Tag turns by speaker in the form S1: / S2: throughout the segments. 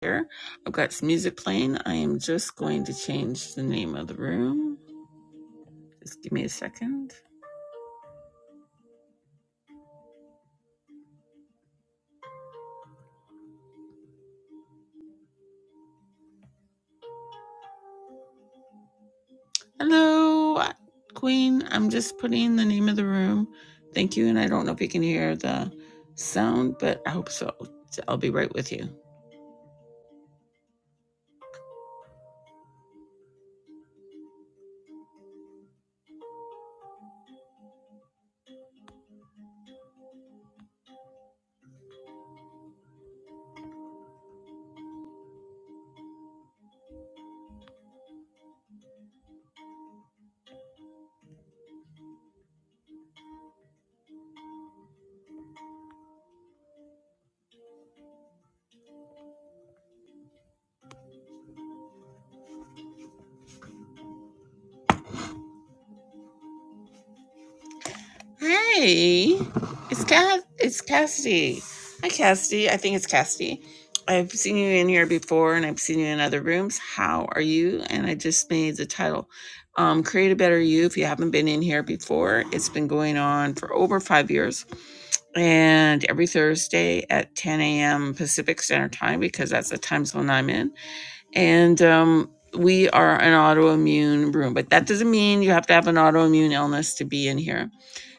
S1: here. I've got some music playing. I am just going to change the name of the room. Just give me a second. Hello, Queen. I'm just putting the name of the room. Thank you. And I don't know if you can hear the sound, but I hope so. I'll be right with you. Hey, it's Cass. It's Cassidy. Hi, Cassidy. I think it's Cassidy. I've seen you in here before, and I've seen you in other rooms. How are you? And I just made the title, um, "Create a Better You." If you haven't been in here before, it's been going on for over five years, and every Thursday at 10 a.m. Pacific Standard Time because that's the time zone I'm in, and um. We are an autoimmune room, but that doesn't mean you have to have an autoimmune illness to be in here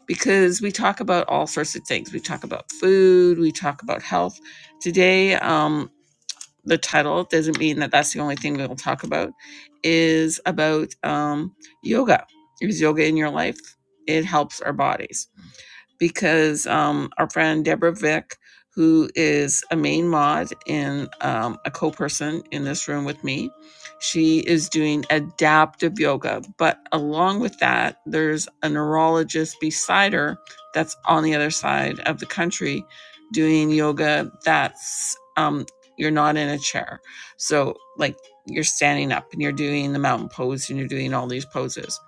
S1: because we talk about all sorts of things. We talk about food, we talk about health. Today, um, the title doesn't mean that that's the only thing we'll talk about, is about um, yoga. Is yoga in your life? It helps our bodies because um, our friend Deborah Vick, who is a main mod and um, a co person in this room with me, she is doing adaptive yoga. But along with that, there's a neurologist beside her that's on the other side of the country doing yoga that's um, you're not in a chair. So, like, you're standing up and you're doing the mountain pose and you're doing all these poses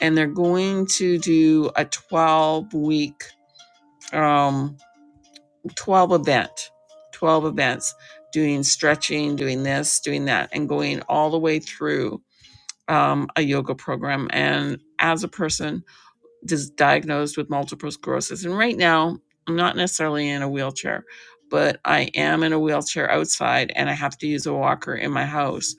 S1: and they're going to do a 12 week um, 12 event 12 events doing stretching doing this doing that and going all the way through um, a yoga program and as a person dis- diagnosed with multiple sclerosis and right now i'm not necessarily in a wheelchair but i am in a wheelchair outside and i have to use a walker in my house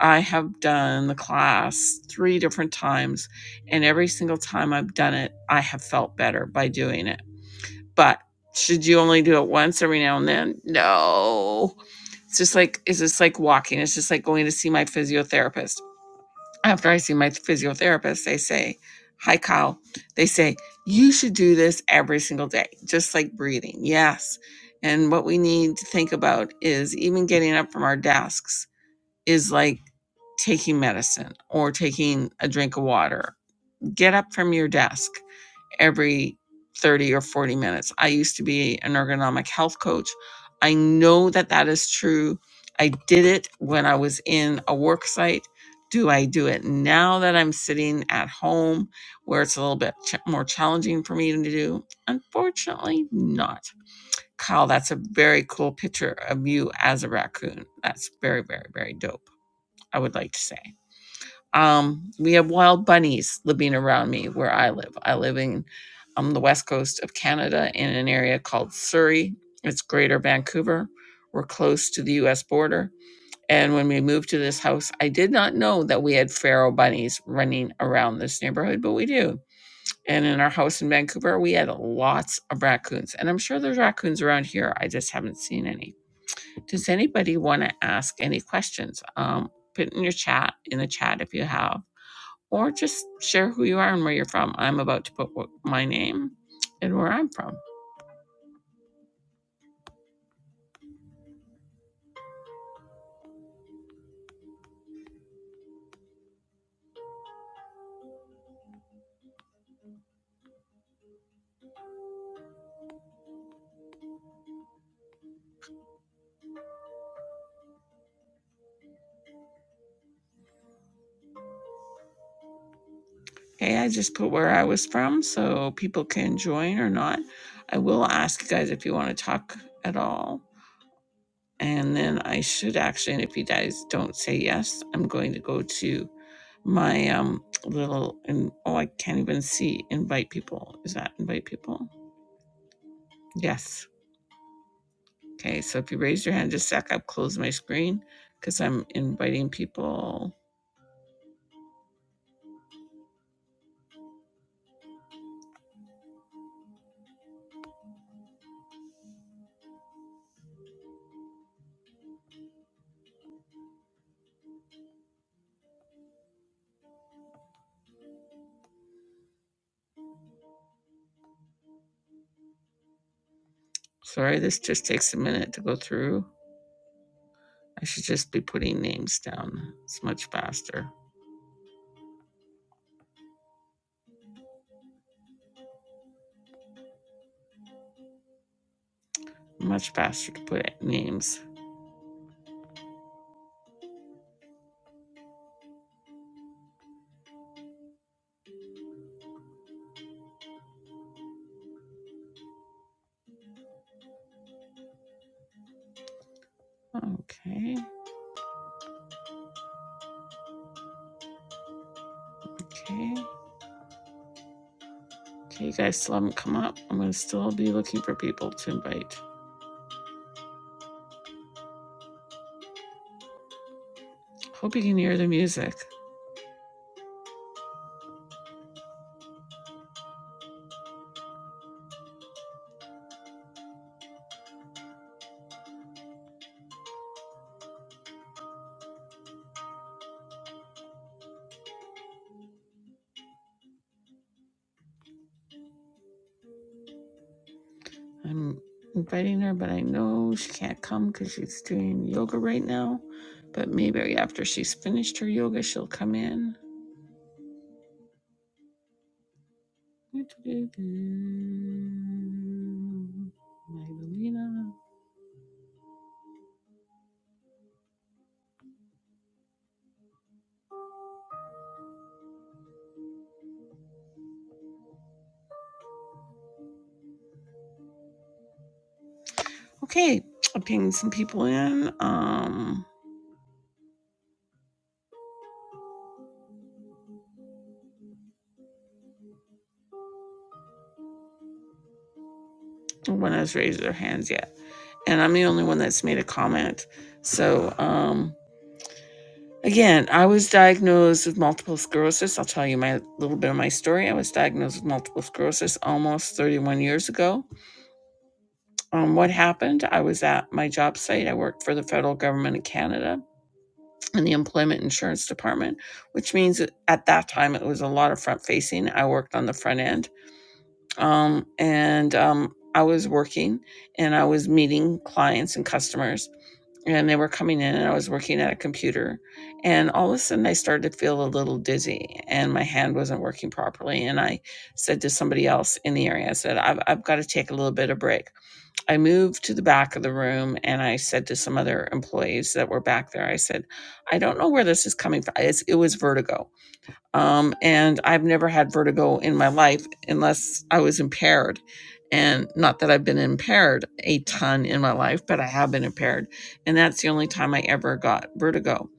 S1: i have done the class three different times and every single time i've done it i have felt better by doing it but should you only do it once every now and then? No. It's just like, it's just like walking. It's just like going to see my physiotherapist. After I see my physiotherapist, they say, Hi, Kyle. They say, You should do this every single day, just like breathing. Yes. And what we need to think about is even getting up from our desks is like taking medicine or taking a drink of water. Get up from your desk every 30 or 40 minutes. I used to be an ergonomic health coach. I know that that is true. I did it when I was in a work site. Do I do it now that I'm sitting at home where it's a little bit ch- more challenging for me to do? Unfortunately, not. Kyle, that's a very cool picture of you as a raccoon. That's very, very, very dope, I would like to say. Um, we have wild bunnies living around me where I live. I live in um, the west coast of Canada in an area called Surrey. It's greater Vancouver. We're close to the US border. And when we moved to this house, I did not know that we had feral bunnies running around this neighborhood, but we do. And in our house in Vancouver, we had lots of raccoons. And I'm sure there's raccoons around here. I just haven't seen any. Does anybody want to ask any questions? Um, put in your chat, in the chat if you have or just share who you are and where you're from. I'm about to put my name and where I'm from. Okay, I just put where I was from so people can join or not. I will ask you guys if you want to talk at all. And then I should actually, and if you guys don't say yes, I'm going to go to my um little and oh I can't even see invite people. Is that invite people? Yes. Okay, so if you raise your hand just a sec, i will close my screen because I'm inviting people Sorry, this just takes a minute to go through. I should just be putting names down. It's much faster. Much faster to put names. Okay, okay. Okay, you guys still haven't come up. I'm gonna still be looking for people to invite. Hope you can hear the music. I'm inviting her, but I know she can't come because she's doing yoga right now. But maybe after she's finished her yoga, she'll come in. Magdalena. Okay, I'm pinging some people in. Um, no one has raised their hands yet, and I'm the only one that's made a comment. So, um, again, I was diagnosed with multiple sclerosis. I'll tell you my little bit of my story. I was diagnosed with multiple sclerosis almost 31 years ago. Um, what happened? I was at my job site. I worked for the federal government of Canada in the Employment Insurance Department, which means at that time it was a lot of front facing. I worked on the front end um, and um, I was working and I was meeting clients and customers, and they were coming in, and I was working at a computer, and all of a sudden I started to feel a little dizzy, and my hand wasn't working properly, and I said to somebody else in the area, I said, "I've, I've got to take a little bit of break." I moved to the back of the room, and I said to some other employees that were back there, I said, "I don't know where this is coming from. It's, it was vertigo." Um, and I've never had vertigo in my life unless I was impaired. And not that I've been impaired a ton in my life, but I have been impaired. And that's the only time I ever got vertigo.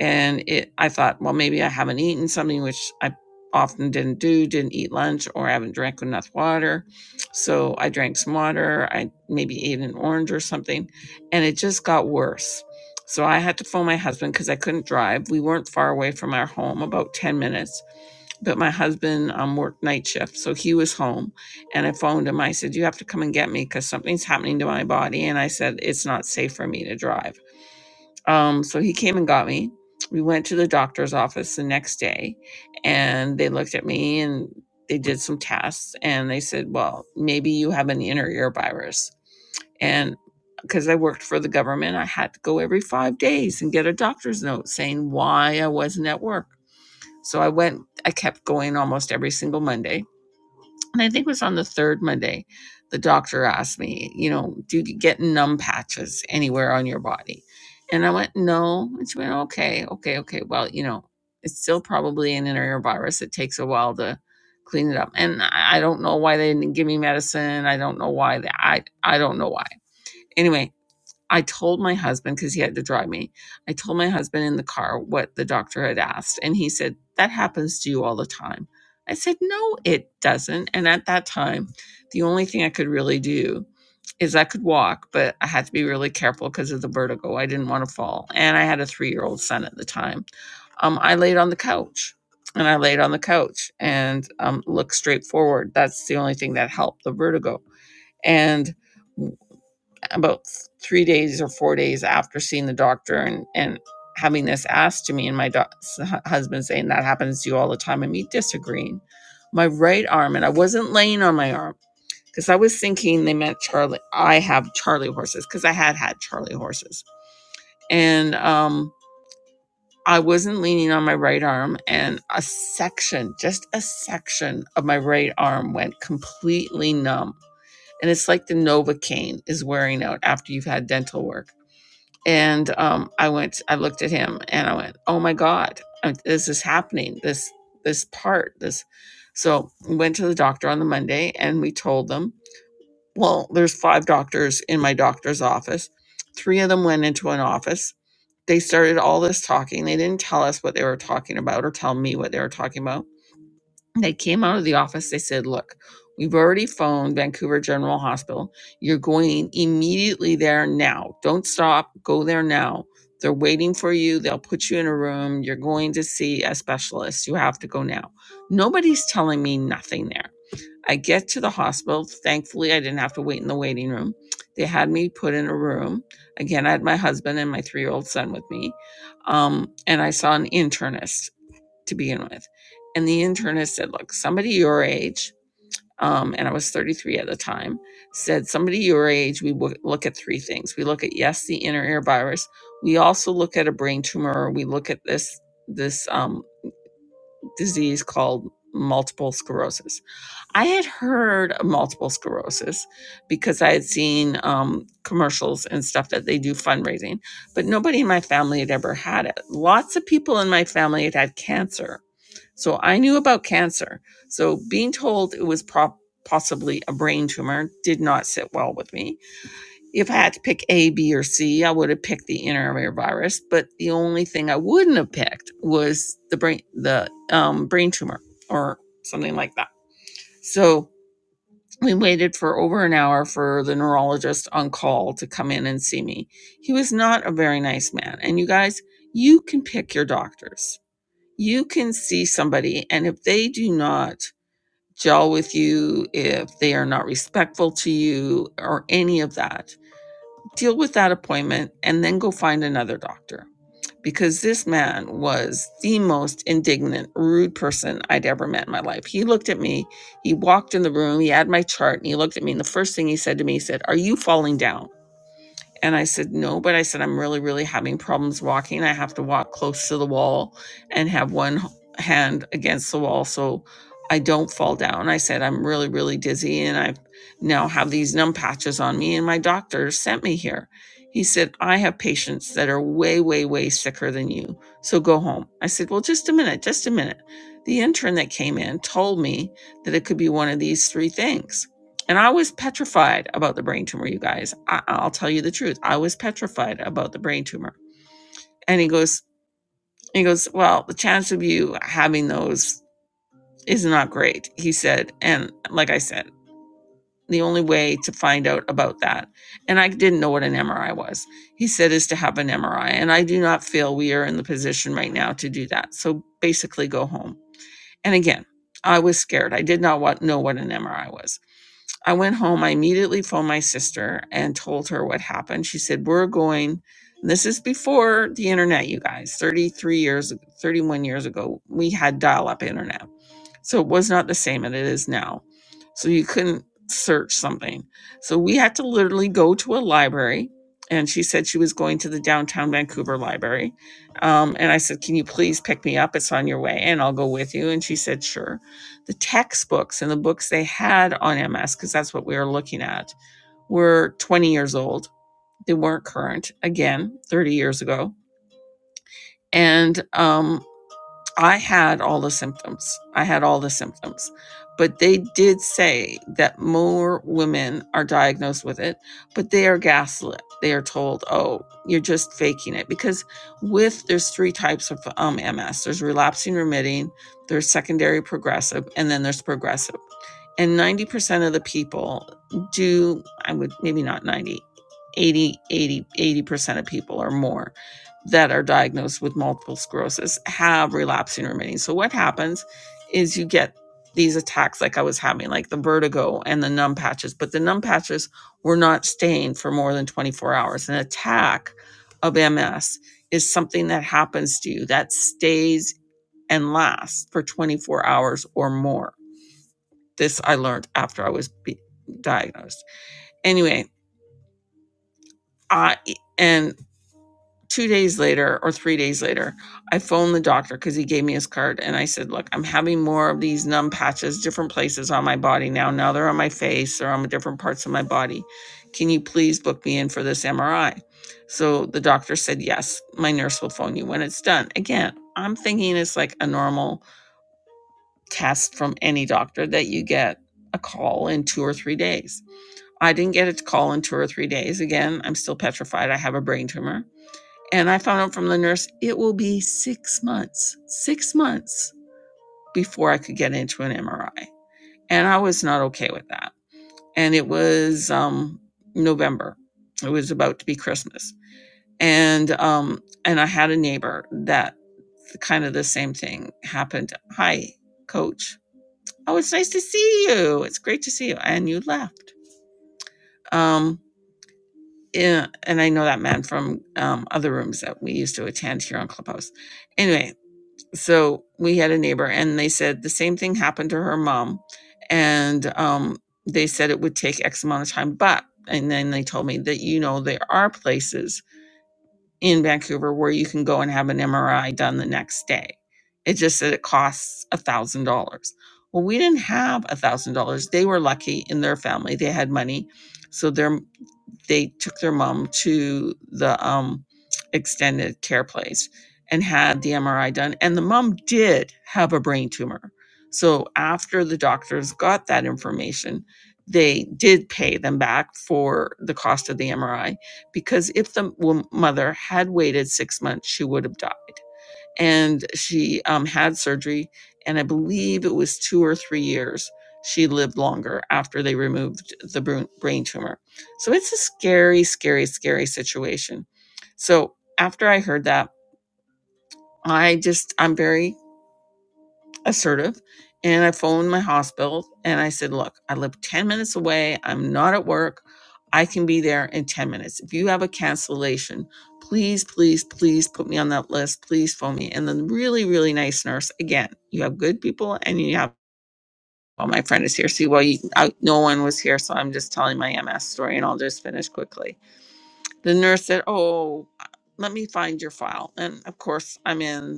S1: And it, I thought, well, maybe I haven't eaten something, which I often didn't do, didn't eat lunch, or I haven't drank enough water. So I drank some water. I maybe ate an orange or something. And it just got worse. So I had to phone my husband because I couldn't drive. We weren't far away from our home, about 10 minutes but my husband um, worked night shift, so he was home. And I phoned him. I said, "You have to come and get me because something's happening to my body." And I said, "It's not safe for me to drive." Um, so he came and got me. We went to the doctor's office the next day, and they looked at me and they did some tests, and they said, "Well, maybe you have an inner ear virus." And because I worked for the government, I had to go every five days and get a doctor's note saying why I wasn't at work. So I went, I kept going almost every single Monday. And I think it was on the third Monday, the doctor asked me, you know, do you get numb patches anywhere on your body? And I went, no. And she went, okay, okay, okay. Well, you know, it's still probably an inner ear virus. It takes a while to clean it up. And I I don't know why they didn't give me medicine. I don't know why. They, I, I don't know why. Anyway, I told my husband because he had to drive me. I told my husband in the car what the doctor had asked, and he said, That happens to you all the time. I said, No, it doesn't. And at that time, the only thing I could really do is I could walk, but I had to be really careful because of the vertigo. I didn't want to fall. And I had a three year old son at the time. Um, I laid on the couch and I laid on the couch and um, looked straight forward. That's the only thing that helped the vertigo. And about three days or four days after seeing the doctor and and having this asked to me and my doc- husband saying that happens to you all the time and me disagreeing my right arm and i wasn't laying on my arm because i was thinking they meant charlie i have charlie horses because i had had charlie horses and um i wasn't leaning on my right arm and a section just a section of my right arm went completely numb and it's like the novocaine is wearing out after you've had dental work and um, I went. I looked at him, and I went, "Oh my God, uh, this is happening! This this part, this." So we went to the doctor on the Monday, and we told them, "Well, there's five doctors in my doctor's office. Three of them went into an office. They started all this talking. They didn't tell us what they were talking about, or tell me what they were talking about." They came out of the office. They said, Look, we've already phoned Vancouver General Hospital. You're going immediately there now. Don't stop. Go there now. They're waiting for you. They'll put you in a room. You're going to see a specialist. You have to go now. Nobody's telling me nothing there. I get to the hospital. Thankfully, I didn't have to wait in the waiting room. They had me put in a room. Again, I had my husband and my three year old son with me. Um, and I saw an internist to begin with. And the internist said, Look, somebody your age, um, and I was 33 at the time, said, Somebody your age, we w- look at three things. We look at, yes, the inner ear virus. We also look at a brain tumor. We look at this, this um, disease called multiple sclerosis. I had heard of multiple sclerosis because I had seen um, commercials and stuff that they do fundraising, but nobody in my family had ever had it. Lots of people in my family had had cancer so I knew about cancer. So being told it was prob- possibly a brain tumor did not sit well with me. If I had to pick A, B, or C, I would have picked the intramural virus. But the only thing I wouldn't have picked was the brain, the um, brain tumor, or something like that. So we waited for over an hour for the neurologist on call to come in and see me. He was not a very nice man. And you guys, you can pick your doctors you can see somebody and if they do not gel with you, if they are not respectful to you, or any of that, deal with that appointment and then go find another doctor. Because this man was the most indignant, rude person I'd ever met in my life. He looked at me, he walked in the room, he had my chart, and he looked at me. And the first thing he said to me, he said, Are you falling down? And I said, no, but I said, I'm really, really having problems walking. I have to walk close to the wall and have one hand against the wall so I don't fall down. I said, I'm really, really dizzy and I now have these numb patches on me. And my doctor sent me here. He said, I have patients that are way, way, way sicker than you. So go home. I said, well, just a minute, just a minute. The intern that came in told me that it could be one of these three things. And I was petrified about the brain tumor, you guys. I, I'll tell you the truth. I was petrified about the brain tumor. And he goes, he goes, well, the chance of you having those is not great, he said. And like I said, the only way to find out about that, and I didn't know what an MRI was, he said, is to have an MRI. And I do not feel we are in the position right now to do that. So basically, go home. And again, I was scared. I did not want, know what an MRI was. I went home. I immediately phoned my sister and told her what happened. She said, We're going. and This is before the internet, you guys. 33 years, 31 years ago, we had dial up internet. So it was not the same as it is now. So you couldn't search something. So we had to literally go to a library. And she said she was going to the downtown Vancouver library. Um, and I said, Can you please pick me up? It's on your way and I'll go with you. And she said, Sure. The textbooks and the books they had on MS, because that's what we were looking at, were 20 years old. They weren't current, again, 30 years ago. And um, I had all the symptoms. I had all the symptoms. But they did say that more women are diagnosed with it, but they are gaslit. They are told, oh, you're just faking it. Because with, there's three types of um, MS there's relapsing remitting, there's secondary progressive, and then there's progressive. And 90% of the people do, I would maybe not 90, 80, 80, 80% of people or more that are diagnosed with multiple sclerosis have relapsing remitting. So what happens is you get these attacks like I was having, like the vertigo and the numb patches, but the numb patches were not staying for more than 24 hours. An attack of MS is something that happens to you that stays and lasts for 24 hours or more. This I learned after I was be- diagnosed. Anyway, I and two days later or three days later, I phoned the doctor because he gave me his card and I said, Look, I'm having more of these numb patches, different places on my body now. Now they're on my face or on different parts of my body. Can you please book me in for this MRI? So the doctor said, Yes, my nurse will phone you when it's done. Again, I'm thinking it's like a normal test from any doctor that you get a call in two or three days. I didn't get a call in two or three days. Again, I'm still petrified. I have a brain tumor. And I found out from the nurse it will be six months, six months before I could get into an MRI. And I was not okay with that. And it was um, November. It was about to be Christmas. And um, and I had a neighbor that kind of the same thing happened. Hi, coach. Oh, it's nice to see you. It's great to see you. And you left. Um, yeah, and I know that man from um, other rooms that we used to attend here on Clubhouse. Anyway, so we had a neighbor and they said the same thing happened to her mom and um, they said it would take x amount of time but and then they told me that you know there are places in vancouver where you can go and have an mri done the next day it just said it costs a thousand dollars well we didn't have a thousand dollars they were lucky in their family they had money so their they took their mom to the um, extended care place and had the MRI done. And the mom did have a brain tumor. So after the doctors got that information, they did pay them back for the cost of the MRI because if the wom- mother had waited six months, she would have died and she um, had surgery and i believe it was two or three years she lived longer after they removed the brain tumor so it's a scary scary scary situation so after i heard that i just i'm very assertive and I phoned my hospital and I said, Look, I live 10 minutes away. I'm not at work. I can be there in 10 minutes. If you have a cancellation, please, please, please put me on that list. Please phone me. And then, really, really nice nurse. Again, you have good people and you have, oh, my friend is here. See, well, you, I, no one was here. So I'm just telling my MS story and I'll just finish quickly. The nurse said, Oh, uh, let me find your file. And of course, I'm in.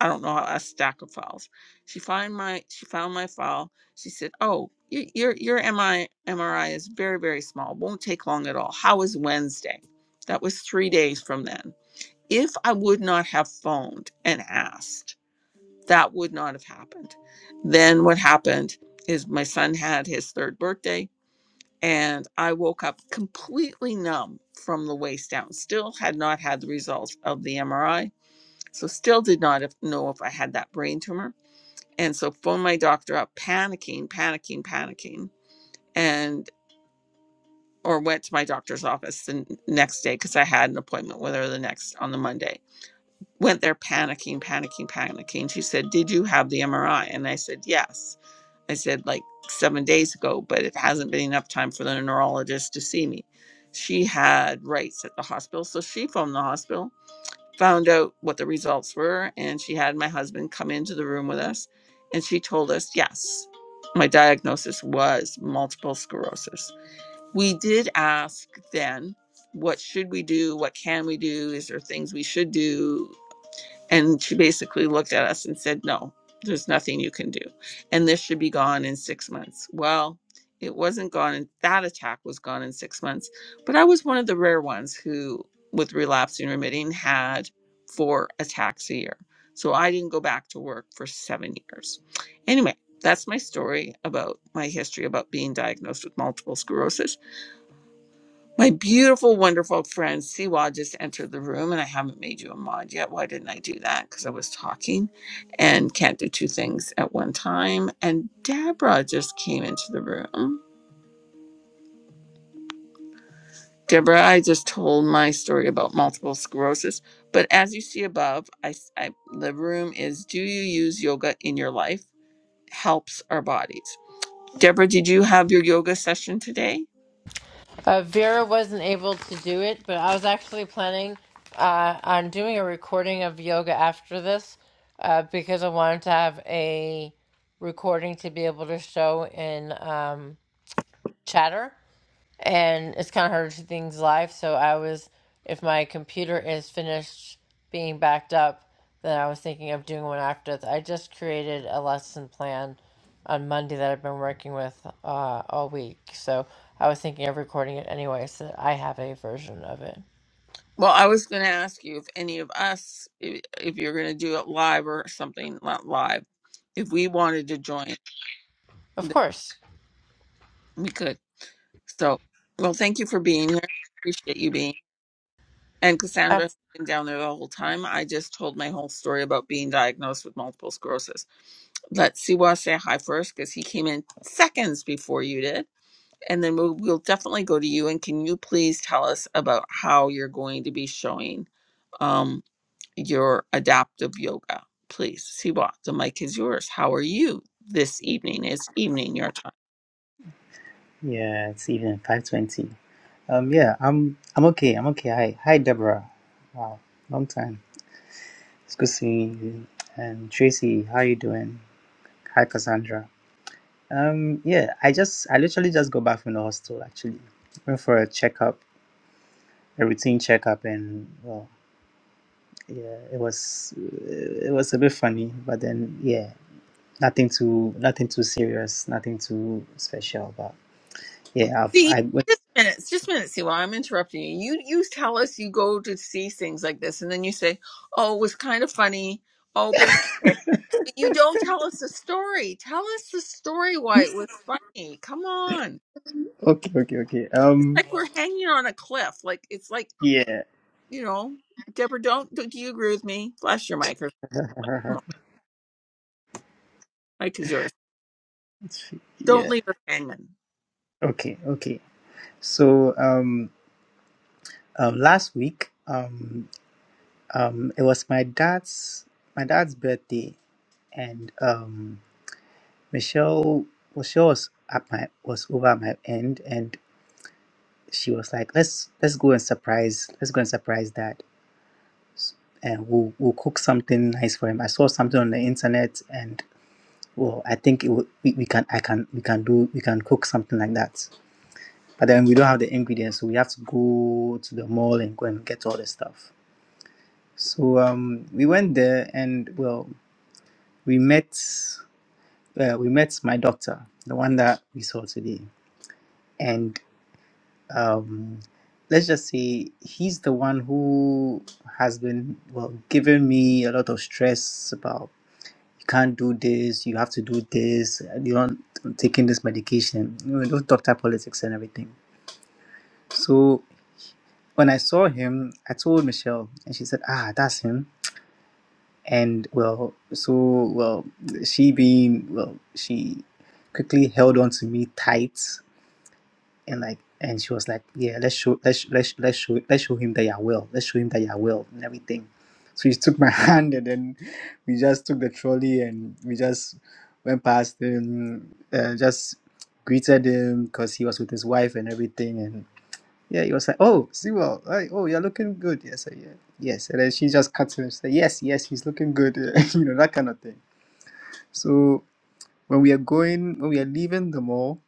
S1: I don't know how a stack of files. She find my she found my file. She said, "Oh, y- your your MI MRI is very very small. Won't take long at all. How is Wednesday?" That was three days from then. If I would not have phoned and asked, that would not have happened. Then what happened is my son had his third birthday, and I woke up completely numb from the waist down. Still had not had the results of the MRI, so still did not have- know if I had that brain tumor and so phoned my doctor up, panicking, panicking, panicking, and or went to my doctor's office the next day because I had an appointment with her the next on the Monday. Went there panicking, panicking, panicking. She said, Did you have the MRI? And I said, Yes. I said, like seven days ago, but it hasn't been enough time for the neurologist to see me. She had rights at the hospital. So she phoned the hospital found out what the results were and she had my husband come into the room with us and she told us yes my diagnosis was multiple sclerosis we did ask then what should we do what can we do is there things we should do and she basically looked at us and said, No, there's nothing you can do. And this should be gone in six months. Well, it wasn't gone, and that attack was gone in six months. But I was one of the rare ones who, with relapsing remitting, had four attacks a year. So I didn't go back to work for seven years. Anyway, that's my story about my history about being diagnosed with multiple sclerosis. My beautiful, wonderful friend Siwa just entered the room, and I haven't made you a mod yet. Why didn't I do that? Because I was talking and can't do two things at one time. And Deborah just came into the room. Deborah, I just told my story about multiple sclerosis, but as you see above, I, s- I- the room is Do you use yoga in your life? Helps our bodies. Deborah, did you have your yoga session today?
S2: Uh, Vera wasn't able to do it, but I was actually planning uh, on doing a recording of yoga after this uh, because I wanted to have a recording to be able to show in um, Chatter and it's kind of hard to things live. So I was, if my computer is finished being backed up, then I was thinking of doing one after this. I just created a lesson plan on Monday that I've been working with uh, all week. So I was thinking of recording it anyway, so that I have a version of it.
S1: Well, I was going to ask you if any of us, if, if you're going to do it live or something, not live, if we wanted to join.
S2: Of course.
S1: We could. So, well, thank you for being here. Appreciate you being. And Cassandra has been down there the whole time. I just told my whole story about being diagnosed with multiple sclerosis. Let Siwa say hi first because he came in seconds before you did. And then we'll, we'll definitely go to you. And can you please tell us about how you're going to be showing um, your adaptive yoga? Please, Siwa, the mic is yours. How are you this evening? It's evening your time.
S3: Yeah, it's even five twenty. Um, yeah, I'm I'm okay. I'm okay. Hi, hi, Deborah. Wow, long time. It's good seeing you. And Tracy, how you doing? Hi, Cassandra. Um, yeah, I just I literally just got back from the hospital. Actually, went for a checkup, a routine checkup, and well, yeah, it was it was a bit funny, but then yeah, nothing too nothing too serious, nothing too special. But yeah, I've
S1: See,
S3: I went.
S1: just minutes, just minutes. See, while I'm interrupting you, you you tell us you go to see things like this, and then you say, "Oh, it was kind of funny. Oh, but it's okay." But you don't tell us the story. Tell us the story why it was funny. Come on,
S3: Okay, okay, okay.
S1: it's
S3: Um,
S1: like we're hanging on a cliff. Like it's like
S3: yeah.
S1: you know, Deborah. Don't do do you agree with me? Flash your mic or like, come on, mic is yours. Don't
S3: Yeah.
S1: leave us hanging.
S3: Okay. Okay. So um, um last week um um it was my dad's my dad's birthday and um Michelle Michelle was at my was over at my end and she was like let's let's go and surprise let's go and surprise dad and we'll we'll cook something nice for him. I saw something on the internet and well I think it would we, we can I can we can do we can cook something like that. but then we don't have the ingredients, so we have to go to the mall and go and get all the stuff. So um, we went there, and well, we met uh, we met my doctor, the one that we saw today, and um, let's just say he's the one who has been well giving me a lot of stress about you can't do this, you have to do this, you're not taking this medication, you know, those doctor politics and everything. So When I saw him, I told Michelle, and she said, "Ah, that's him." And well, so well, she being well, she quickly held on to me tight, and like, and she was like, "Yeah, let's show, let's let's let's show, let's show him that you're well. Let's show him that you're well and everything." So she took my hand, and then we just took the trolley, and we just went past him, uh, just greeted him because he was with his wife and everything, and. Yeah, he was like, "Oh, Sewell, hey, oh, you're looking good." Yes, yeah, so, yeah, yes. And then she just cuts him and say, "Yes, yes, he's looking good," you know that kind of thing. So when we are going, when we are leaving the mall,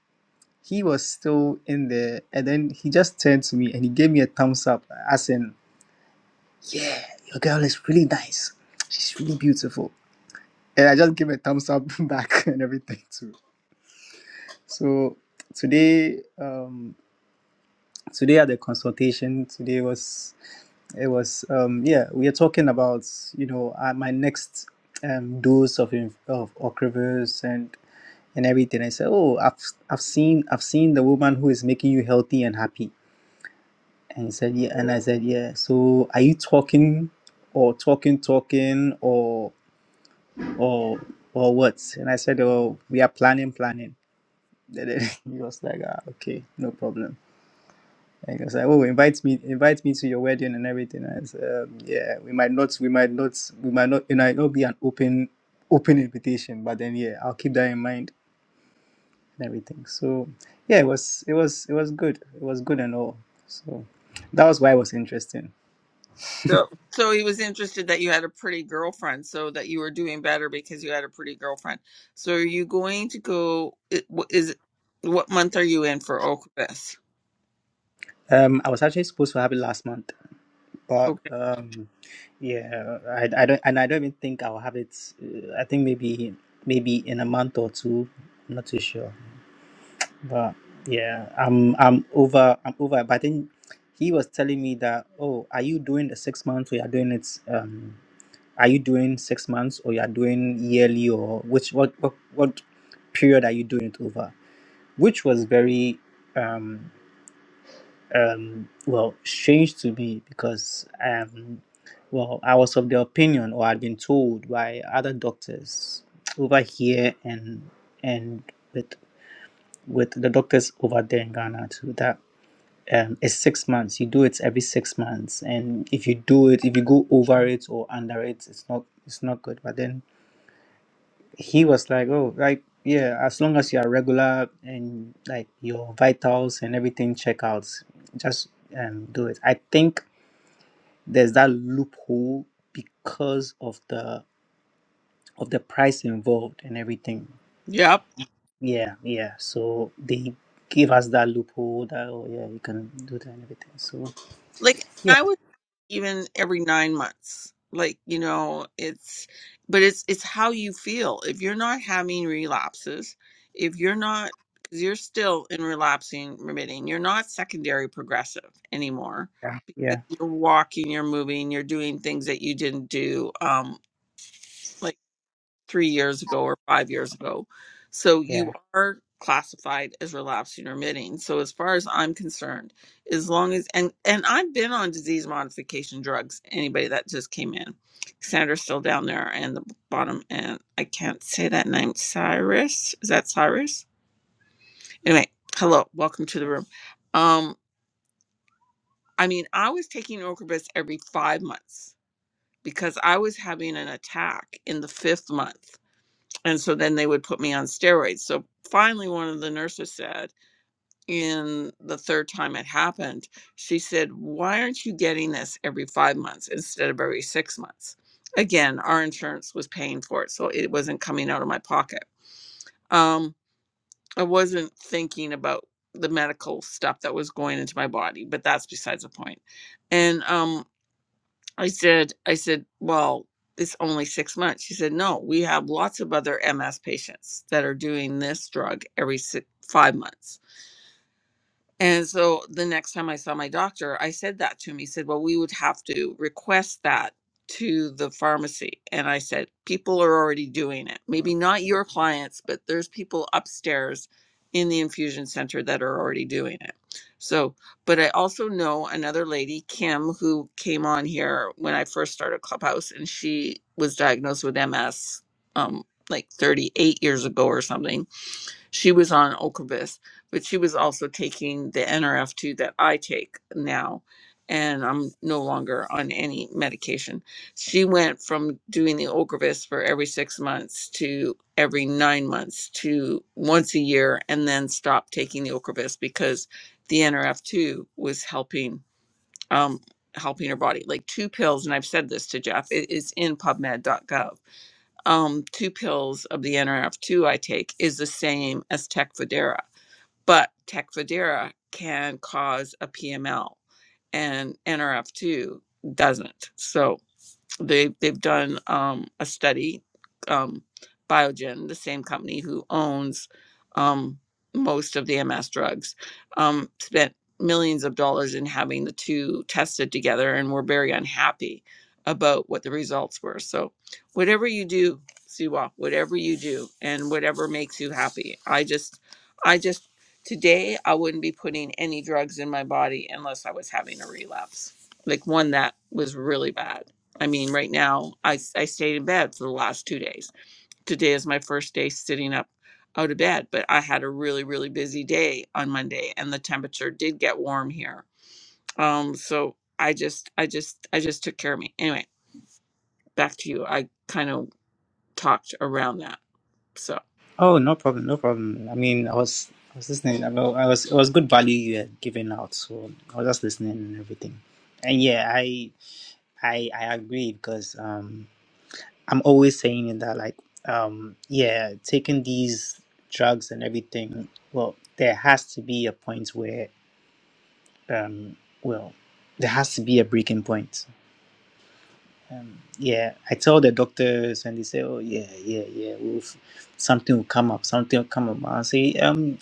S3: he was still in there, and then he just turned to me and he gave me a thumbs up, as in, "Yeah, your girl is really nice. She's really beautiful." And I just gave a thumbs up back and everything too. So today. um today at the consultation today was it was um yeah we are talking about you know uh, my next um dose of inf- of Ocrevus and and everything i said oh i've i've seen i've seen the woman who is making you healthy and happy and he said yeah and i said yeah so are you talking or talking talking or or or what and i said oh we are planning planning he was like ah, okay no problem Like I was like, oh, invite me, invite me to your wedding and everything. I said, um, yeah, we might not, we might not, we might not, it might not be an open, open invitation, but then yeah, I'll keep that in mind and everything. So yeah, it was, it was, it was good. It was good and all. So that was why it was interesting.
S1: So, so he was interested that you had a pretty girlfriend, so that you were doing better because you had a pretty girlfriend. So, are you going to go? it- wh- Is it- what month are you in for Okfest?
S3: Um, I was actually supposed to have it last month, but
S1: Okay.
S3: um, yeah, I, I don't, and I don't even think I'll have it. uh, I think maybe, maybe in a month or two. I'm not too sure. But yeah, I'm I'm over I'm over. But I think he was telling me that oh, are you doing the six months or you are doing it? Um, are you doing six months or you are doing yearly or which what what, what period are you doing it over? Which was very um um well strange to me because um well I was of the opinion or I'd been told by other doctors over here and and with with the doctors over there in Ghana too that um, is six months. You do it every six months, and if you do it, if you go over it or under it, it's not it's not good. But then he was like, oh, like yeah, as long as you are regular and like your vitals and everything check out, just um, do it. I think there's that loophole because of the of the price involved and everything.
S1: Yep.
S3: Yeah, yeah. So they give us that loophole that oh yeah, you can do that and everything. So
S1: Like
S3: yeah,
S1: I would even every nine months. Like you know, it's but it's it's how you feel. If you're not having relapses, if you're not because you're still in relapsing remitting, you're not secondary progressive anymore
S3: yeah,
S1: 'Cause
S3: yeah.
S1: you're walking, you're moving, you're doing things that you didn't do um, like three years ago or five years ago. So
S3: yeah.
S1: you are classified as relapsing remitting. So as far as I'm concerned, as long as and and I've been on disease modification drugs. Anybody that just came in, Sandra's still down there and the bottom, and I can't say that name. Cyrus is that Cyrus? Anyway, hello, welcome to the room. Um, I mean, I was taking Ocrevus every five months because I was having an attack in the fifth month. And so then they would put me on steroids. So finally, one of the nurses said, in the third time it happened, she said, Why aren't you getting this every five months instead of every six months? Again, our insurance was paying for it. So it wasn't coming out of my pocket. Um, I wasn't thinking about the medical stuff that was going into my body, but that's besides the point. And um, I said, I said, well, it's only six months. She said, no, we have lots of other MS patients that are doing this drug every si five months. And so the next time I saw my doctor, I said that to him. He said, Well, we would have to request that to the pharmacy. And I said, People are already doing it. Maybe not your clients, but there's people upstairs in the infusion center that are already doing it. So, but I also know another lady, Kim, who came on here when I first started Clubhouse, and she was diagnosed with MS um, like 38 years ago or something she was on Ocrevus, but she was also taking the NRF2 that I take now, and I'm no longer on any medication. She went from doing the Ocrevus for every six months to every nine months to once a year, and then stopped taking the Ocrevus because the NRF2 was helping. Um, helping her body like two pills and i've said this to jeff it is in pubmed.gov um, two pills of the NRF2 I take is the same as Tecfidera, but Tecfidera can cause a PML and NRF2 doesn't. So they they've done um, a study. Um, Biogen, the same company who owns um, most of the MS drugs, um, spent millions of dollars in having the two tested together, and were very unhappy about what the results were. So, whatever you do, Siwa, whatever you do, and whatever makes you happy, I just, I just today I wouldn't be putting any drugs in my body unless I was having a relapse, like one that was really bad I mean, right now, I I stayed in bed for the last two days. Today is my first day sitting up out of bed, but I had a really, really busy day on Monday and the temperature did get warm here. Um, so I just, I just, I just took care of me. Anyway, back to you. I kind of talked around that. So.
S3: Oh, no problem, no problem. I mean, I was I was listening. I wa- I was it was good value you had given out, so I was just listening and everything. And yeah, I I I agree because um I'm always saying it that like um yeah, taking these drugs and everything, well, there has to be a point where um well, there has to be a breaking point. Um, yeah, I tell the doctors and they say, oh yeah, yeah, yeah, we'll something will come up, something will come up. I say, um.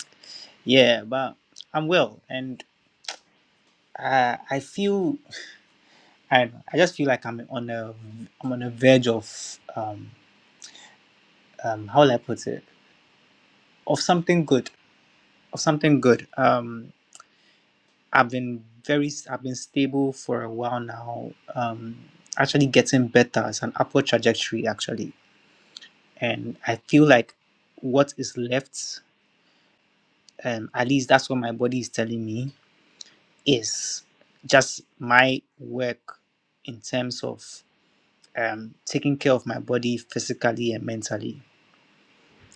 S3: Yeah, but I'm well, and uh, I feel I don't know, I just feel like I'm on a I'm on a verge of um um how will I put it of something good of something good. Um, I've been very i I've been stable for a while now. Um, actually getting better. It's an upward trajectory actually, and I feel like what is left, um, at least that's what my body is telling me is just my work in terms of um, taking care of my body physically and mentally.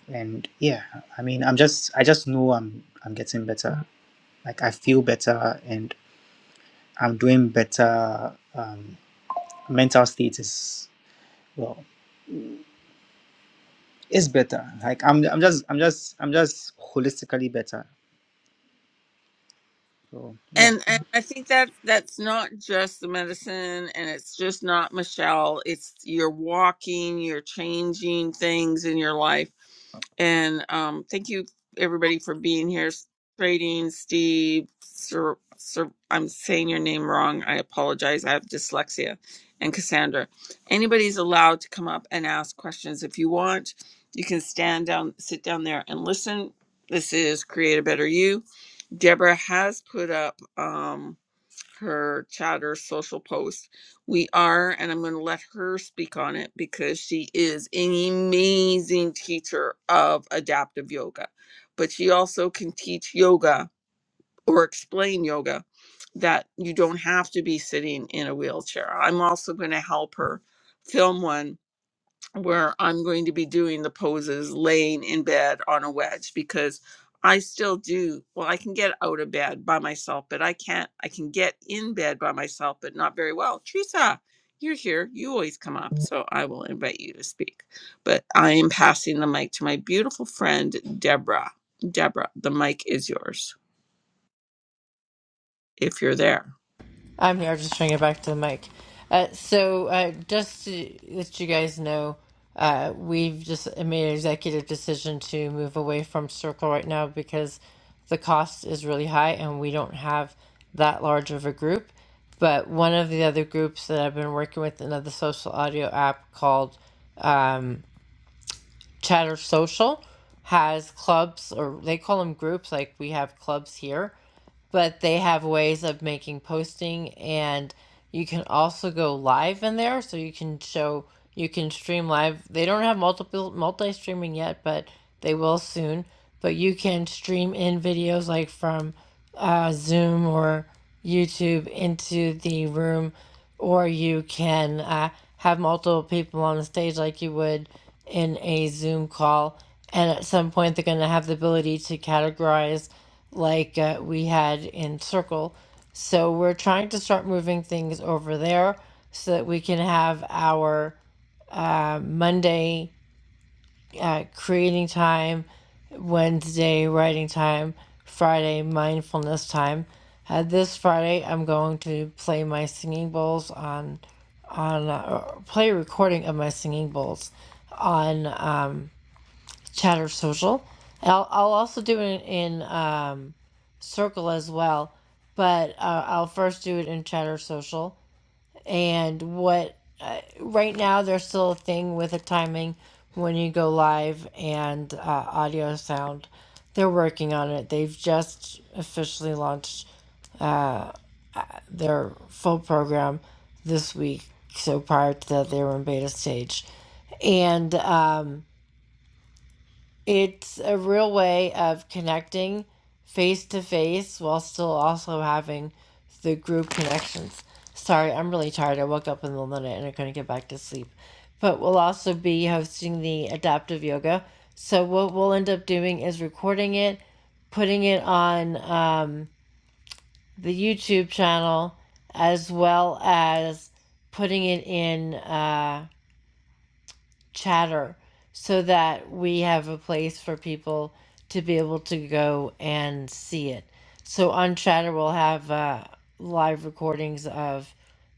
S3: And yeah, I mean, I'm just, I just know I'm, I'm getting better. Like I feel better and I'm doing better. Um, mental state is well, it's better. Like I'm, I'm just, I'm just, I'm just holistically better. So yeah.
S1: And and I think that that's not just the medicine and it's just not Michelle. It's you're walking, you're changing things in your life. And um thank you everybody for being here. S- Trading Steve, Sir, Sir, I'm saying your name wrong. I apologize. I have dyslexia. And Cassandra. Anybody's allowed to come up and ask questions if you want. You can stand down, sit down there and listen. This is Create a Better You Deborah has put up um, her chatter social post. We are, and I'm going to let her speak on it because she is an amazing teacher of adaptive yoga. But she also can teach yoga or explain yoga that you don't have to be sitting in a wheelchair. I'm also going to help her film one where I'm going to be doing the poses laying in bed on a wedge because I still do. Well, I can get out of bed by myself, but I can't. I can get in bed by myself, but not very well. Teresa, you're here. You always come up, so I will invite you to speak. But I am passing the mic to my beautiful friend, Deborah. Deborah, the mic is yours if you're there.
S2: I'm here. I'm just trying to get back to the mic. Uh, so, uh, just to let you guys know, uh, we've just made an executive decision to move away from Circle right now because the cost is really high and we don't have that large of a group. But one of the other groups that I've been working with, another social audio app called um, Chatter Social, has clubs or they call them groups. Like we have clubs here but they have ways of making posting and you can also go live in there so you can show you can stream live they don't have multiple multi streaming yet but they will soon but you can stream in videos like from uh, zoom or youtube into the room or you can uh, have multiple people on the stage like you would in a zoom call and at some point they're going to have the ability to categorize like uh, we had in Circle. So we're trying to start moving things over there so that we can have our uh, Monday uh, creating time, Wednesday writing time, Friday mindfulness time. Uh, this Friday, I'm going to play my singing bowls on on a, or play a recording of my singing bowls on uh, Chatter Social. I'll, I'll also do it in, in uh, circle as well, but uh, I'll first do it in Chatter Social. And what right now there's still a thing with the timing when you go live and uh, audio sound. They're working on it. They've just officially launched their full program this week. So prior to that, they were in beta stage, and um, It's a real way of connecting face to face while still also having the group connections. Sorry, I'm really tired. I woke up in the middle of the night and I couldn't get back to sleep. But we'll also be hosting the adaptive yoga. So what we'll end up doing is recording it, putting it on um, the YouTube channel, as well as putting it in. Uh, chatter so that we have a place for people to be able to go and see it. So on Chatter, we'll have uh, live recordings of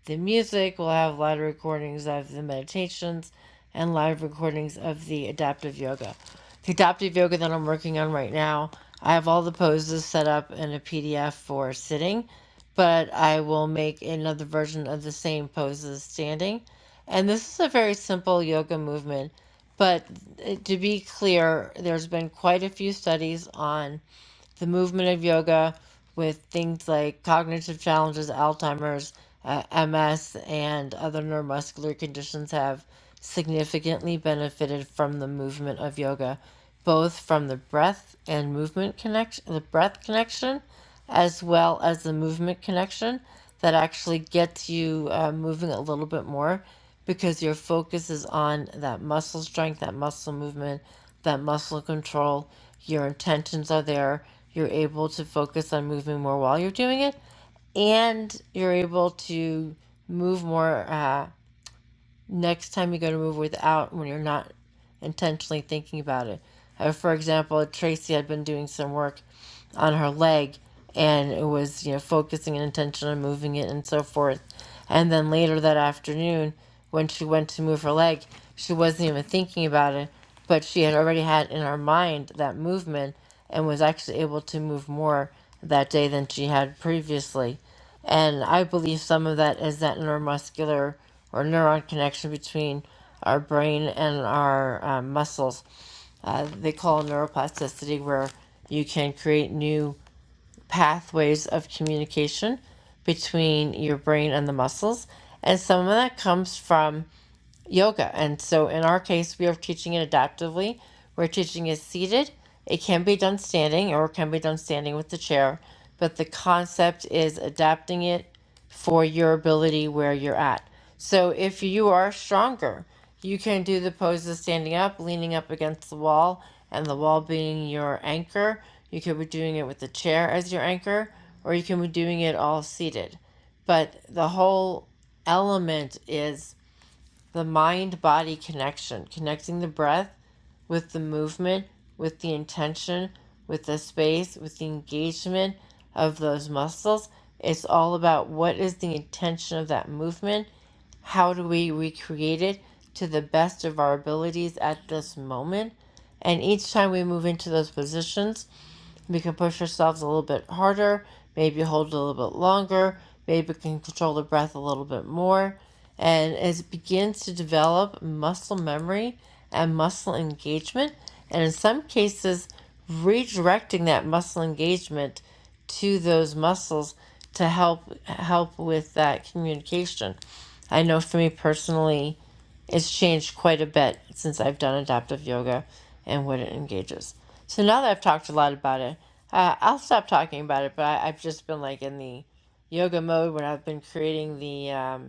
S2: the music, we'll have live recordings of the meditations, and live recordings of the adaptive yoga. The adaptive yoga that I'm working on right now, I have all the poses set up in a PDF for sitting, but I will make another version of the same poses standing and this is a very simple yoga movement, but uh, to be clear, there's been quite a few studies on the movement of yoga with things like cognitive challenges, Alzheimer's, uh, MS, and other neuromuscular conditions have significantly benefited from the movement of yoga, both from the breath and movement connection, the breath connection, as well as the movement connection that actually gets you uh, moving a little bit more because your focus is on that muscle strength, that muscle movement, that muscle control. Your intentions are there. You're able to focus on moving more while you're doing it, and you're able to move more. Uh, next time you go to move without when you're not intentionally thinking about it. Uh, for example, Tracy had been doing some work on her leg and it was you know focusing and attention on moving it and so forth and then later that afternoon when she went to move her leg she wasn't even thinking about it but she had already had in her mind that movement and was actually able to move more that day than she had previously and i believe some of that is that neuromuscular or neuron connection between our brain and our um, muscles uh, they call neuroplasticity, where you can create new pathways of communication between your brain and the muscles. And some of that comes from yoga. And so in our case, we are teaching it adaptively. We're teaching it seated. It can be done standing or it can be done standing with the chair, but the concept is adapting it for your ability where you're at. So if you are stronger, you can do the poses standing up, leaning up against the wall, and the wall being your anchor. You could be doing it with the chair as your anchor, or you can be doing it all seated. But the whole element is the mind body connection, connecting the breath with the movement, with the intention, with the space, with the engagement of those muscles. It's all about what is the intention of that movement? How do we recreate it to the best of our abilities at this moment? And each time we move into those positions, we can push ourselves a little bit harder, maybe hold a little bit longer, maybe can control the breath a little bit more. And as it begins to develop muscle memory and muscle engagement, and in some cases, redirecting that muscle engagement to those muscles to help help with that communication. I know for me personally, it's changed quite a bit since I've done adaptive yoga and what it engages. So now that I've talked a lot about it, uh, I'll stop talking about it, but I, I've just been like in the yoga mode when I've been creating the. Um,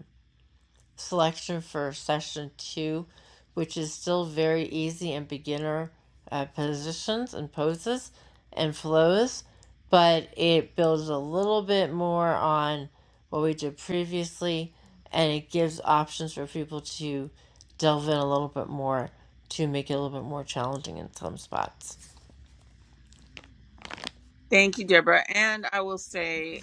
S2: selection for session two, which is still very easy and beginner uh, positions and poses and flows, but it builds a little bit more on what we did previously and it gives options for people to delve in a little bit more to make it a little bit more challenging in some spots.
S1: Thank you, Deborah. And I will say,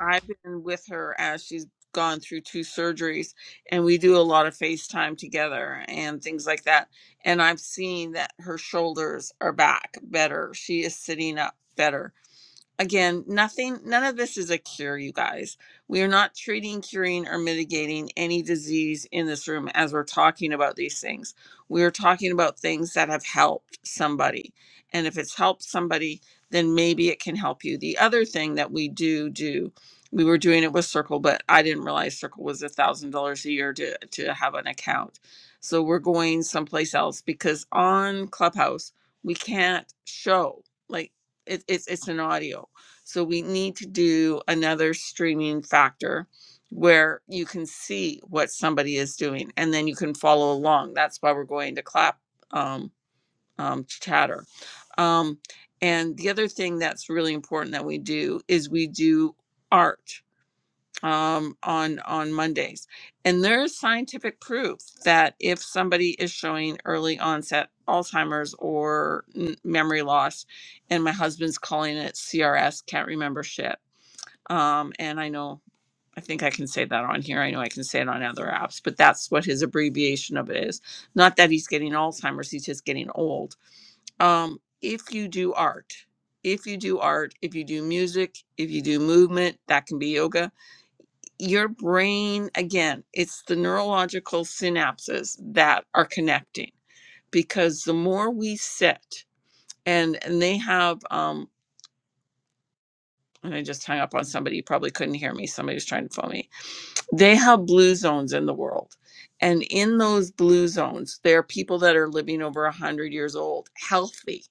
S1: I've been with her as she's gone through two surgeries, and we do a lot of FaceTime together and things like that. And I've seen that her shoulders are back better. She is sitting up better. Again, nothing, none of this is a cure, you guys. We are not treating, curing, or mitigating any disease in this room as we're talking about these things. We are talking about things that have helped somebody. And if it's helped somebody, then maybe it can help you. The other thing that we do do, we were doing it with Circle, but I didn't realize Circle was a thousand dollars a year to, to have an account. So we're going someplace else because on Clubhouse, we can't show like it, it's it's an audio so we need to do another streaming factor where you can see what somebody is doing and then you can follow along. That's why we're going to clap um, um, chatter. Um, and the other thing that's really important that we do is we do art um, on on Mondays. And there is scientific proof that if somebody is showing early onset Alzheimer's or n- memory loss, and my husband's calling it CRS, can't remember shit um, and I know, I think I can say that on here. I know I can say it on other apps, but that's what his abbreviation of it is. Not that he's getting Alzheimer's, he's just getting old. Um, if you do art, if you do art, if you do music, if you do movement, that can be yoga. Your brain, again, it's the neurological synapses that are connecting because the more we sit, and, and they have, um, and I just hung up on somebody, you probably couldn't hear me. Somebody was trying to phone me they have blue zones in the world and in those blue zones there are people that are living over 100 years old healthy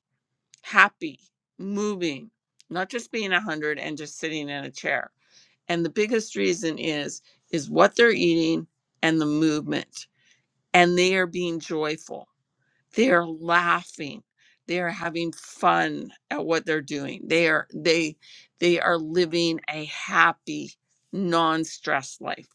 S1: happy moving not just being 100 and just sitting in a chair and the biggest reason is is what they're eating and the movement and they are being joyful they are laughing they are having fun at what they're doing they are they they are living a happy non-stress life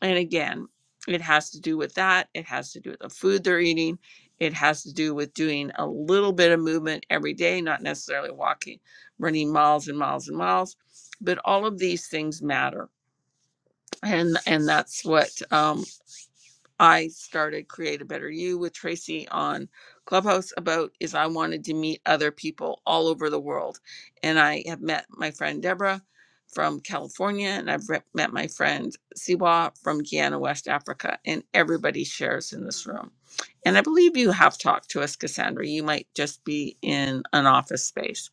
S1: and again, it has to do with that. It has to do with the food they're eating. It has to do with doing a little bit of movement every day, not necessarily walking, running miles and miles and miles, but all of these things matter. And and that's what um, I started Create a Better You with Tracy on Clubhouse about is I wanted to meet other people all over the world. And I have met my friend Deborah from California, and I've re- met my friend Siwa from Guyana, West Africa, and everybody shares in this room. And I believe you have talked to us, Cassandra. You might just be in an office space.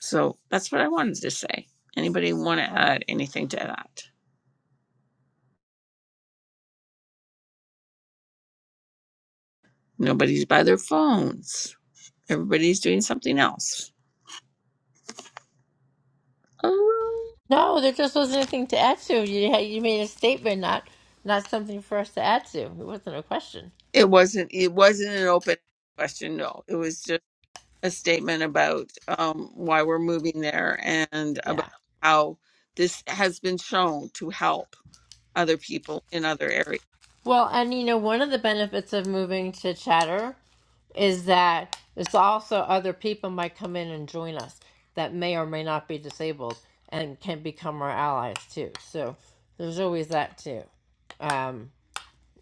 S1: So that's what I wanted to say. Anybody want to add anything to that? Nobody's by their phones. Everybody's doing something else. Um,
S2: No, there just wasn't anything to add to. You had, you made a statement, not not something for us to add to. It wasn't a question.
S1: It wasn't it wasn't an open question, no. It was just a statement about um why we're moving there and about
S2: Yeah.
S1: how this has been shown to help other people in other areas.
S2: Well, and you know, one of the benefits of moving to chatter is that there's also other people might come in and join us that may or may not be disabled and can become our allies too. So there's always that too. Um,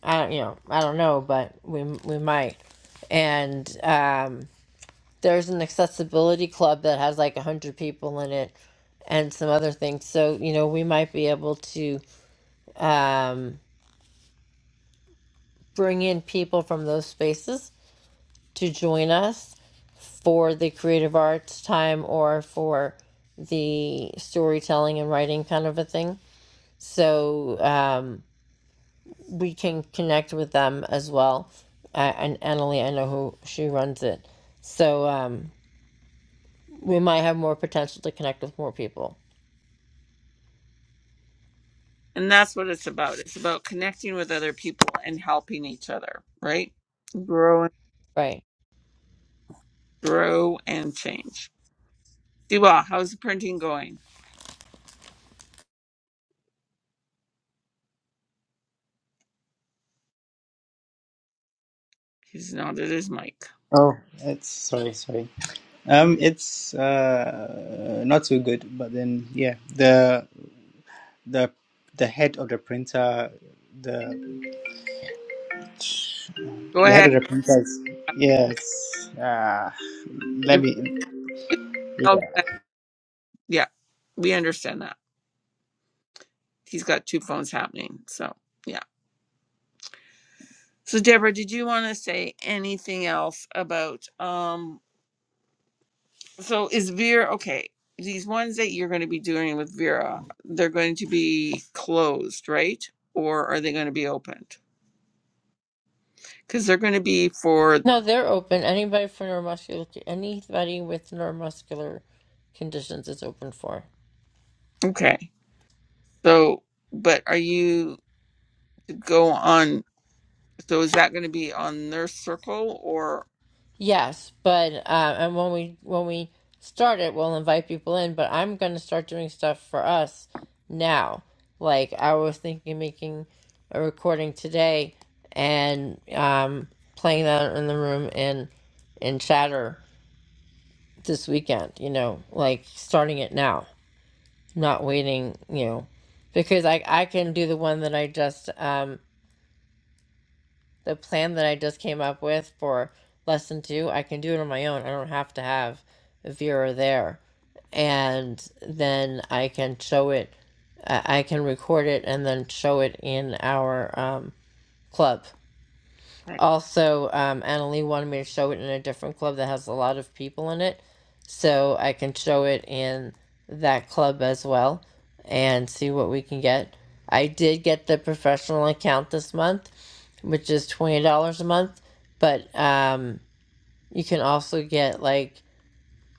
S2: I don't, you know, I don't know, but we we might. And um, there's an accessibility club that has like a hundred people in it, and some other things. So you know, we might be able to um, bring in people from those spaces to join us for the creative arts time or for the storytelling and writing kind of a thing. So um, we can connect with them as well. Uh, and Annalie, I know who she runs it. So um, we might have more potential to connect with more people.
S1: And that's what it's about. It's about connecting with other people and helping each other, right? Grow and
S2: Right.
S1: grow and change. Siwa, how's the printing going? He's nodded his mic.
S3: Oh, it's sorry, sorry. Um, it's uh not so good, but then yeah, the the the head of the printer, the
S1: Go
S3: They had
S1: ahead.
S3: a reprise. Yes. Ah, let
S1: If,
S3: me.
S1: if, oh, go
S3: Yeah.
S1: ahead. yeah, we understand that. he's got two phones happening. So yeah. So Deborah, did you want to say anything else about um so is Vera okay, these ones that you're gonna be doing with Vera, they're going to be closed, right? Or are they gonna be opened? Because they're gonna be for
S2: No, they're open. Anybody for neuromuscular, anybody with neuromuscular conditions is open for.
S1: okay. So but are you go on so is that gonna be on their circle or
S2: Yes, but uh, and when we when we start it, we'll invite people in. But I'm gonna start doing stuff for us now. Like I was thinking, of making a recording today and um, playing that in the room and and chatter this weekend. You know, like starting it now, not waiting. You know, because I I can do the one that I just um, the plan that I just came up with for lesson two, I can do it on my own. I don't have to have Vera there. And then I can show it, I can record it and then show it in our um, club.
S1: okay.
S2: Also, um, Annalee wanted me to show it in a different club that has a lot of people in it, so I can show it in that club as well and see what we can get. I did get the professional account this month, which is twenty dollars a month, but um, you can also get like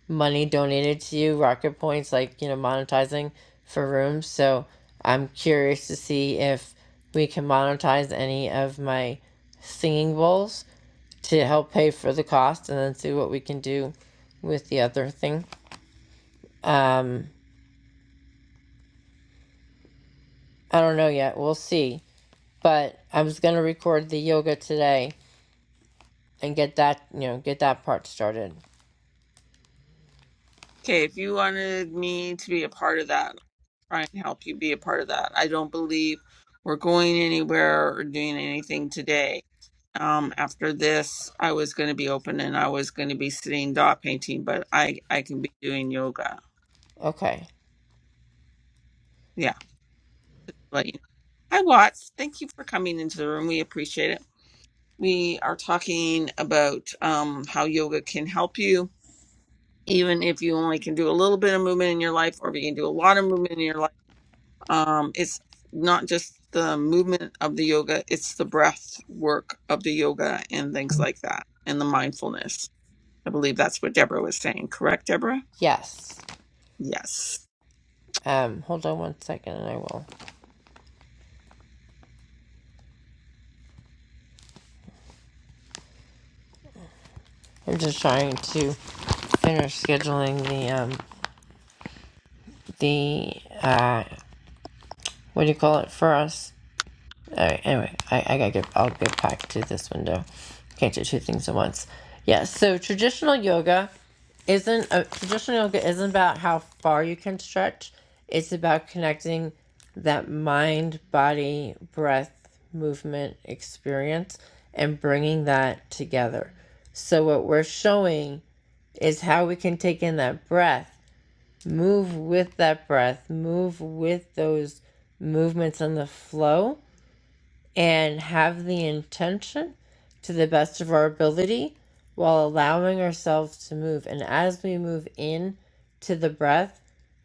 S2: money donated to you, rocket points, like you know, monetizing for rooms. So I'm curious to see if we can monetize any of my singing bowls to help pay for the cost and then see what we can do with the other thing. Um, I don't know yet. We'll see. But I was going to record the yoga today and get that, you know, get that part started.
S1: Okay, if you wanted me to be a part of that, try and help you be a part of that. I don't believe we're going anywhere or doing anything today. Um, after this, I was going to be open and I was going to be sitting dot painting, but I I can be doing yoga.
S2: Okay.
S1: Yeah, let you know. Hi, Watts. Thank you for coming into the room. We appreciate it. We are talking about um, how yoga can help you, even if you only can do a little bit of movement in your life, or if you can do a lot of movement in your life Um, it's not just the movement of the yoga, it's the breath work of the yoga and things like that, and the mindfulness. I believe that's what Deborah was saying. Correct, Deborah?
S2: Yes.
S1: Yes.
S2: Um, hold on one second and I will. I'm just trying to finish scheduling the, um, the, uh, what do you call it for us? All right. Anyway, I, I gotta get. I'll get back to this window. Can't do two things at once. Yeah. So traditional yoga isn't uh, traditional yoga isn't about how far you can stretch. It's about connecting that mind, body, breath, movement experience, and bringing that together. So what we're showing is how we can take in that breath, move with that breath, move with those movements and the flow and have the intention to the best of our ability while allowing ourselves to move. And as we move in to the breath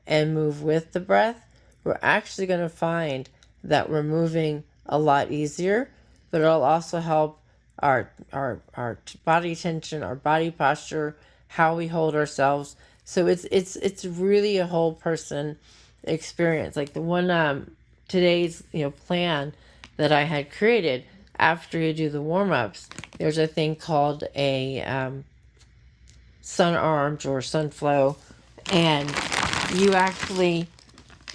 S2: and move with the breath, we're actually going to find that we're moving a lot easier, but it'll also help our our our t- body tension, our body posture, how we hold ourselves. So it's it's it's really a whole person experience. Like the one um today's, you know, plan that I had created after you do the warm ups, there's a thing called a um, sun arms or sun flow, and you actually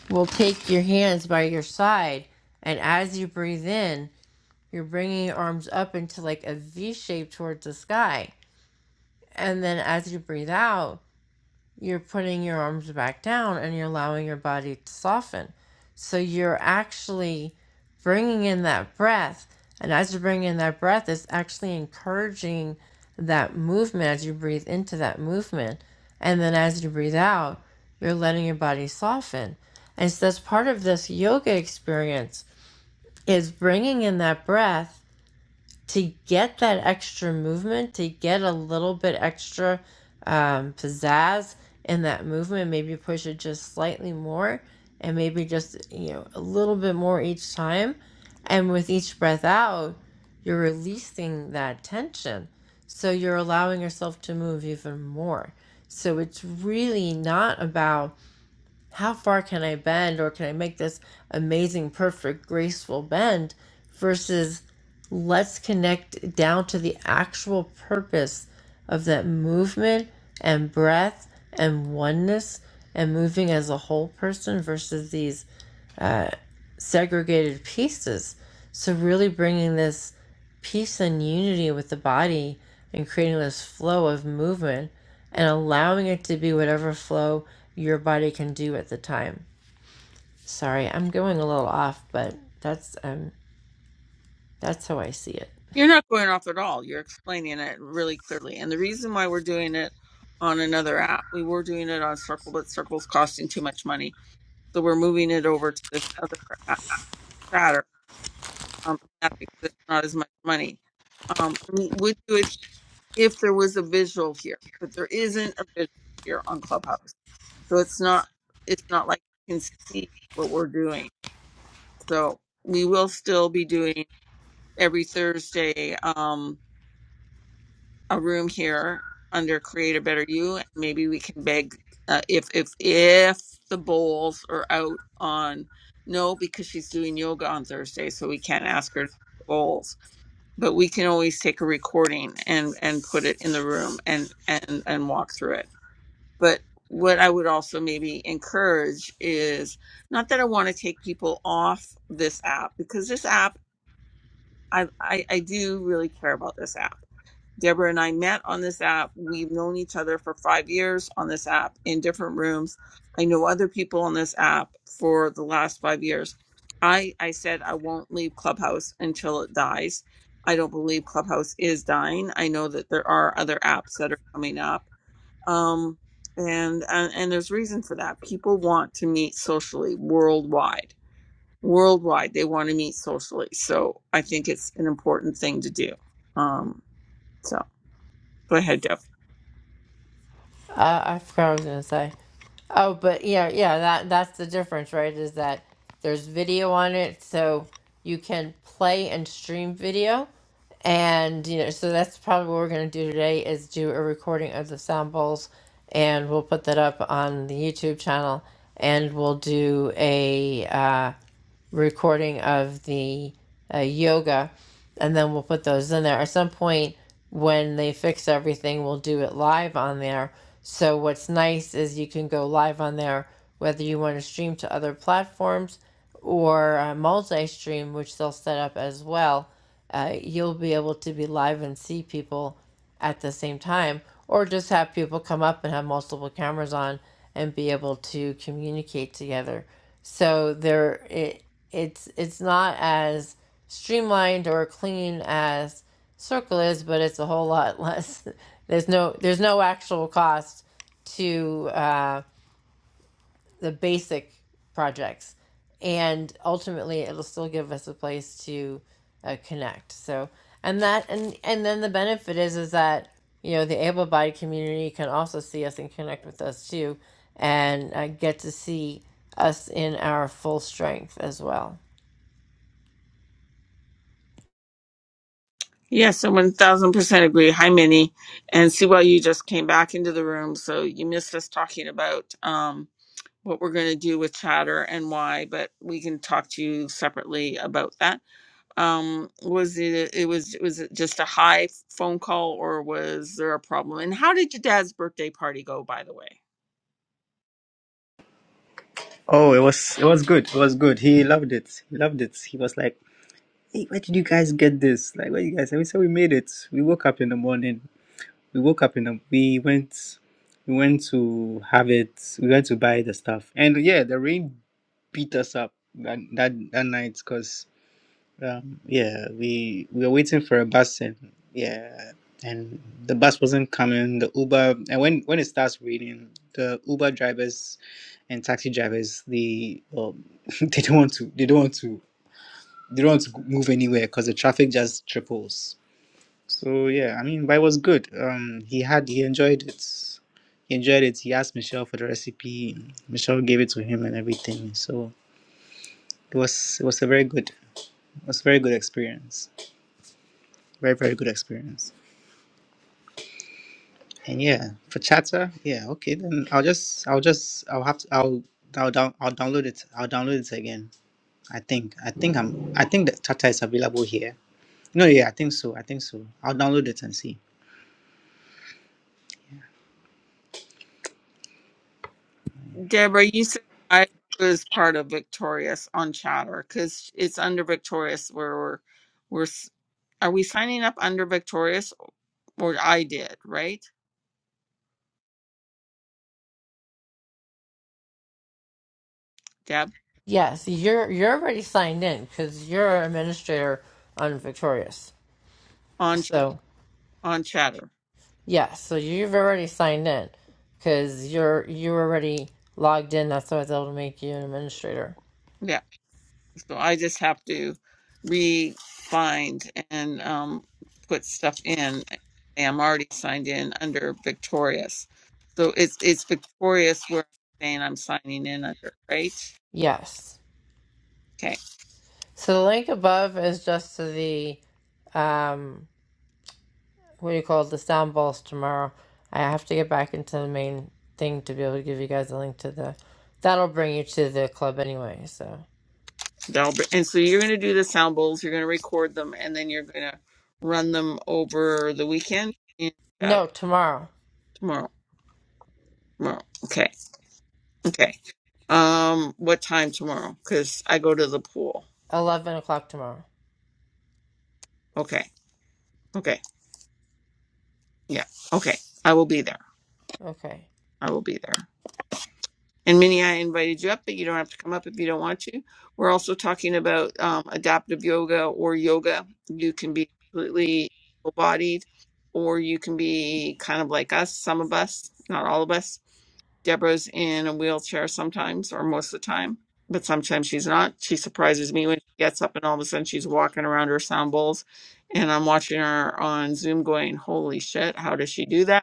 S2: will take your hands by your side, and as you breathe in, you're bringing your arms up into like a V shape towards the sky, and then as you breathe out, you're putting your arms back down and you're allowing your body to soften. So you're actually bringing in that breath. And as you bring in that breath, it's actually encouraging that movement as you breathe into that movement. And then as you breathe out, you're letting your body soften. And so that's part of this yoga experience is bringing in that breath to get that extra movement, to get a little bit extra um, pizzazz in that movement, maybe push it just slightly more and maybe just, you know, a little bit more each time. And with each breath out, you're releasing that tension. So you're allowing yourself to move even more. So it's really not about how far can I bend or can I make this amazing, perfect, graceful bend versus let's connect down to the actual purpose of that movement and breath and oneness and moving as a whole person versus these segregated pieces. So, really bringing this peace and unity with the body and creating this flow of movement and allowing it to be whatever flow your body can do at the time. Sorry, I'm going a little off, but that's um that's how I see it.
S1: You're not going off at all. You're explaining it really clearly. And the reason why we're doing it on another app, we were doing it on Circle, but Circle's costing too much money. So we're moving it over to this other app, Chatter Um, that's because it's not as much money. Um, we would do it here if there was a visual here, but there isn't a visual here on Clubhouse, so it's not. It's not like you can see what we're doing. So we will still be doing every Thursday um, a room here under Create a Better You, and maybe we can beg uh, if if if the bowls are out on no because she's doing yoga on Thursday, so we can't ask her to do bowls but we can always take a recording and and put it in the room and and and walk through it but what i would also maybe encourage is not that i want to take people off this app because this app i i, I do really care about this app Deborah and I met on this app. We've known each other for five years on this app in different rooms. I know other people on this app for the last five years. I, I said I won't leave Clubhouse until it dies. I don't believe Clubhouse is dying. I know that there are other apps that are coming up. Um, and, and, and there's reason for that. People want to meet socially worldwide. Worldwide, they want to meet socially. So I think it's an important thing to do. Um, so go ahead, Deb.
S2: Uh, I forgot what I was gonna say. Oh, but yeah, yeah, that that's the difference, right? Is that there's video on it, so you can play and stream video, and you know, so that's probably what we're gonna do today is do a recording of the samples, and we'll put that up on the YouTube channel, and we'll do a uh, recording of the uh, yoga, and then we'll put those in there. At some point, when they fix everything, we'll do it live on there. So, what's nice is you can go live on there whether you want to stream to other platforms or uh, multi stream, which they'll set up as well. Uh, you'll be able to be live and see people at the same time, or just have people come up and have multiple cameras on and be able to communicate together. So there, it, it's it's not as streamlined or clean as Circle is, but it's a whole lot less. There's no there's no actual cost to. uh, the basic projects and ultimately it'll still give us a place to uh, connect so and that and and then the benefit is is that you know the able-bodied community can also see us and connect with us too and uh, get to see us in our full strength as well
S1: Yes, I one thousand percent agree. Hi, Minnie, and see why you just came back into the room, so you missed us talking about um, what we're going to do with Chatter and why. But we can talk to you separately about that. Um, was it? It was. Was it just a high phone call, or was there a problem? And how did your dad's birthday party go, by the way?
S3: Oh, it was it was good. It was good. He loved it. He loved it. He was like, "Hey, where did you guys get this? Like, where you guys?" And we said, "We made it. We woke up in the morning. We woke up in the. We went. We went to have it. We went to buy the stuff. And yeah, the rain beat us up that that, that night because." Um, yeah, we we were waiting for a bus and yeah, and the bus wasn't coming. The Uber and when when it starts raining, the Uber drivers and taxi drivers they um, they don't want to they don't want to they don't want to move anywhere because the traffic just triples. So yeah, I mean, but it was good. Um, he had he enjoyed it. He enjoyed it. He asked Michelle for the recipe. Michelle gave it to him and everything. So it was it was a very good it was a very good experience. very very good experience and yeah for chatter yeah okay then i'll just i'll just i'll have to i'll i'll down i'll download it i'll download it again i think i think i'm i think that chatter is available here no yeah i think so i think so i'll download it and see
S1: Deborah, you said I was part of Victorious on Chatter because it's under Victorious where we're we're s- are we signing up under Victorious or I did right, Deb
S2: yes you're you're already signed in because you're an administrator on victorious
S1: on Ch-
S2: so
S1: on Chatter.
S2: Yeah, so you've already signed in because you're you're already logged in. That's why I was able to make you an administrator.
S1: Yeah, so I just have to re-find and um, put stuff in. I'm already signed in under Victorious, so it's it's Victorious where I'm saying I'm signing in under, right?
S2: Yes.
S1: Okay.
S2: So the link above is just to the um what do you call it, the sound balls tomorrow. I have to get back into the main thing to be able to give you guys a link to the that'll bring you to the club anyway, so
S1: That'll be, and so you're going to do the sound bowls, you're going to record them, and then you're going to run them over the weekend and Saturday,
S2: no, tomorrow.
S1: tomorrow. Tomorrow. Okay. Okay. Um, what time tomorrow? Because I go to the pool.
S2: Eleven o'clock tomorrow.
S1: Okay. Okay. Yeah. Okay. I will be there.
S2: Okay.
S1: I will be there. And Minnie, I invited you up, but you don't have to come up if you don't want to. We're also talking about um, adaptive yoga or yoga. You can be completely full bodied, or you can be kind of like us, some of us, not all of us. Deborah's in a wheelchair sometimes, or most of the time, but sometimes she's not. She surprises me when she gets up and all of a sudden she's walking around her sound bowls. And I'm watching her on Zoom going, Holy shit, how does she do that?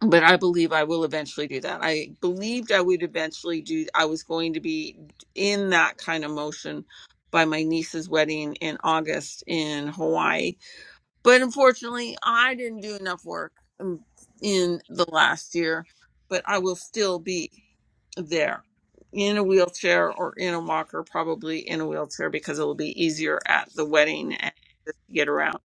S1: but I believe I will eventually do that. I believed I would eventually do, I was going to be in that kind of motion by my niece's wedding in August in Hawaii. But unfortunately, I didn't do enough work um, in the last year, but I will still be there in a wheelchair or in a walker, probably in a wheelchair because it'll be easier at the wedding and just to get around.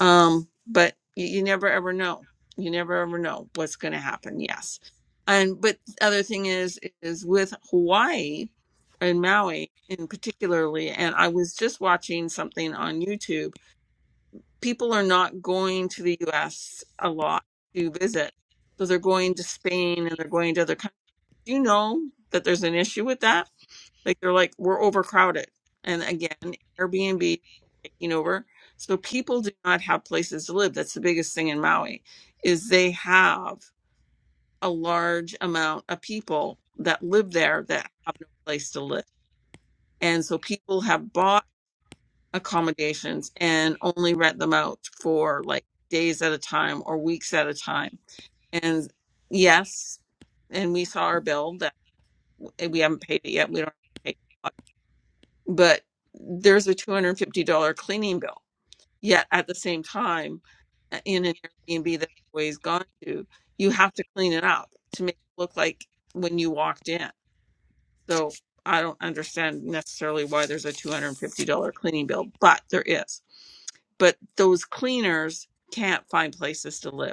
S1: Um, but you, you never ever know. You never ever know what's going to happen. Yes, and but the other thing is is with Hawaii and Maui in particularly, and I was just watching something on YouTube. People are not going to the U.S. a lot to visit, so they're going to Spain and they're going to other countries do you know that there's an issue with that? Like they're like, we're overcrowded. And again, Airbnb is taking over. So people do not have places to live. That's the biggest thing in Maui is they have a large amount of people that live there that have no place to live. And so people have bought accommodations and only rent them out for like days at a time or weeks at a time. And yes, and we saw our bill and we haven't paid it yet. We don't pay, but there's a $250 cleaning bill. Yet at the same time, uh, in an Airbnb that I've always gone to, you have to clean it up to make it look like when you walked in. So I don't understand necessarily why there's a $250 cleaning bill, but there is. But those cleaners can't find places to live.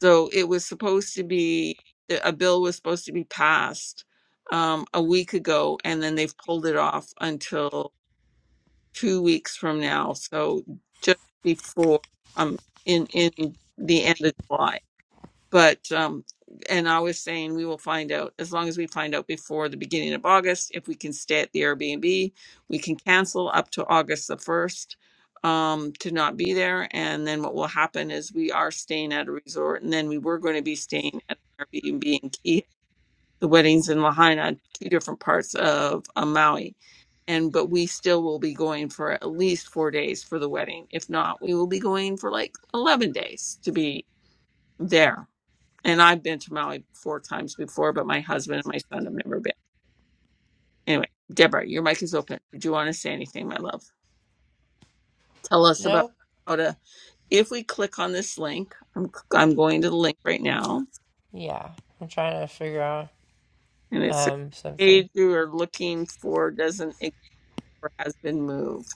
S1: So it was supposed to be a bill was supposed to be passed um, a week ago, and then they've pulled it off until two weeks from now. So just before um in in the end of July but um and i was saying we will find out as long as we find out before the beginning of august if we can stay at the airbnb we can cancel up to august the 1st um to not be there and then what will happen is we are staying at a resort and then we were going to be staying at an airbnb in key the weddings in lahaina two different parts of uh, maui and but we still will be going for at least four days for the wedding if not we will be going for like 11 days to be there and I've been to Maui four times before, but my husband and my son have never been. Anyway, Deborah, your mic is open. Did you want to say anything, my love? Tell us about
S2: Nope.
S1: how to. If we click on this link, I'm, I'm going to the link right now,
S2: Yeah. I'm trying to figure out
S1: and it says
S2: um something.
S1: page you are looking for doesn't exist or has been moved.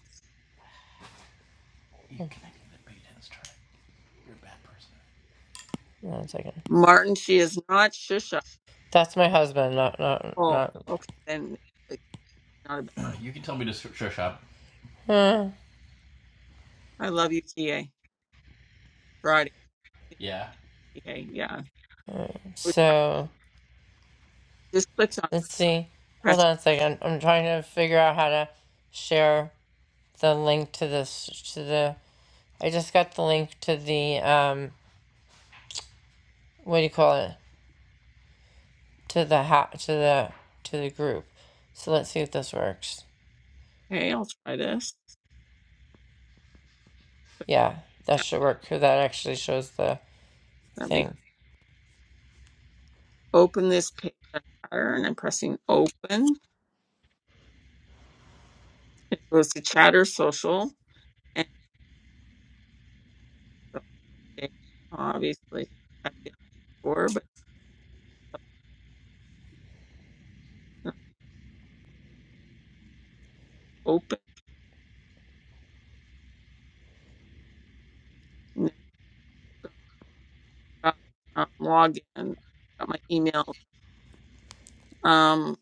S2: One second.
S1: Martin, she is not Shusha.
S2: That's my husband, not not
S1: Oh,
S2: not.
S1: okay, then it's not a bad. I love you, TA. Friday, TA, yeah. It was- I
S2: So
S1: Just clicked on it,
S2: let's see. Hold
S1: press.
S2: on a second. I'm trying to figure out how to share the link to this to the. I just got the link to the um. What do you call it? To the ha to the to the group. So let's see if this works.
S1: Okay, I'll try this.
S2: Yeah, that should work. 'cause That actually shows the
S1: That makes
S2: thing.
S1: open this page on Chatter, and I'm pressing open. It goes to Chatter Social, and okay, obviously I've before, but it's not open. Now I've got um, login, got my email. Um,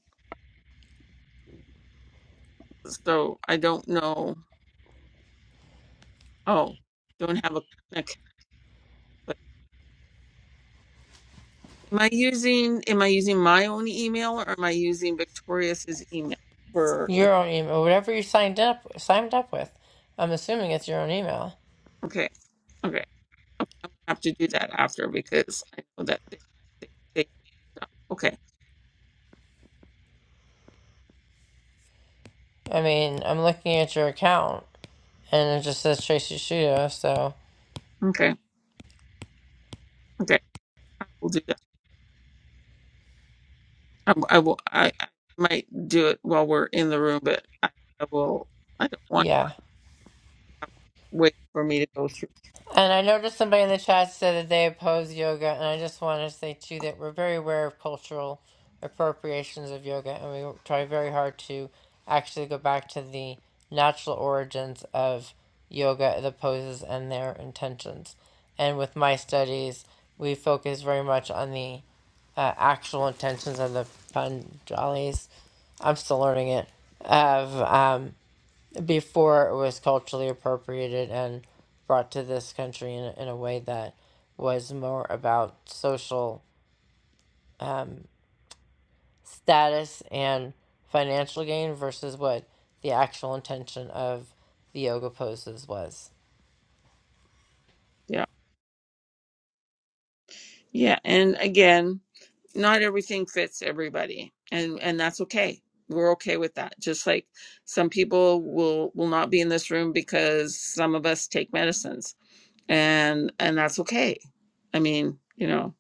S1: so I don't know. Oh, don't have a, an account. But am I using am I using my own email or am I using Victoria's email for?
S2: Your own email, whatever you signed up signed up with. I'm assuming it's your own email.
S1: Okay, okay, I'm gonna have to do that after because I know that they, they, they okay.
S2: I mean, I'm looking at your account. and it just says Tracy Shudo. So
S1: Okay. Okay. I will do that. I, w- I will. I, I might do it while we're in the room, but I, I will. I don't want
S2: yeah,
S1: to wait for me to go through.
S2: and I noticed somebody in the chat said that they oppose yoga, and I just want to say too that we're very aware of cultural appropriations of yoga, and we try very hard to actually go back to the natural origins of yoga, the poses, and their intentions. And with my studies, we focus very much on the uh, actual intentions of the Panjalis. I'm still learning it. Of um, before it was culturally appropriated and brought to this country in, in a way that was more about social status and financial gain versus what the actual intention of the yoga poses was.
S1: Yeah. Yeah. And again, not everything fits everybody, and and that's okay. We're okay with that. Just like some people will will not be in this room because some of us take medicines, and and that's okay. I mean, you know.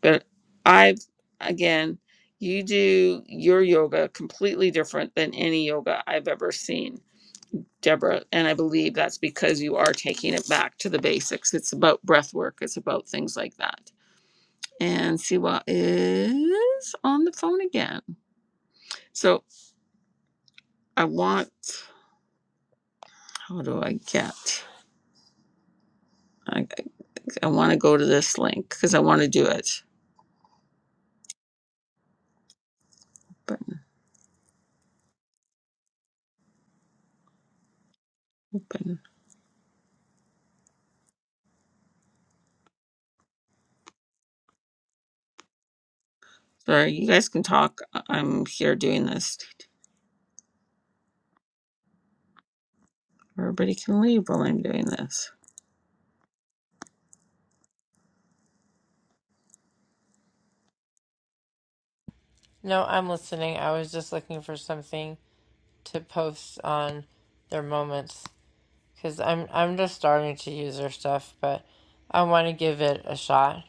S1: but I've again, you do your yoga completely different than any yoga I've ever seen, Deborah. And I believe that's because you are taking it back to the basics. It's about breath work, it's about things like that. And Siwa is on the phone again. So I want, how do I get? I, I want to go to this link because I want to do it. Button, button. Sorry, you guys can talk. I- I'm here doing this. Everybody can leave while I'm doing this.
S2: No, I'm listening. I was just looking for something to post on their moments because I'm I'm just starting to use their stuff, but I want to give it a shot.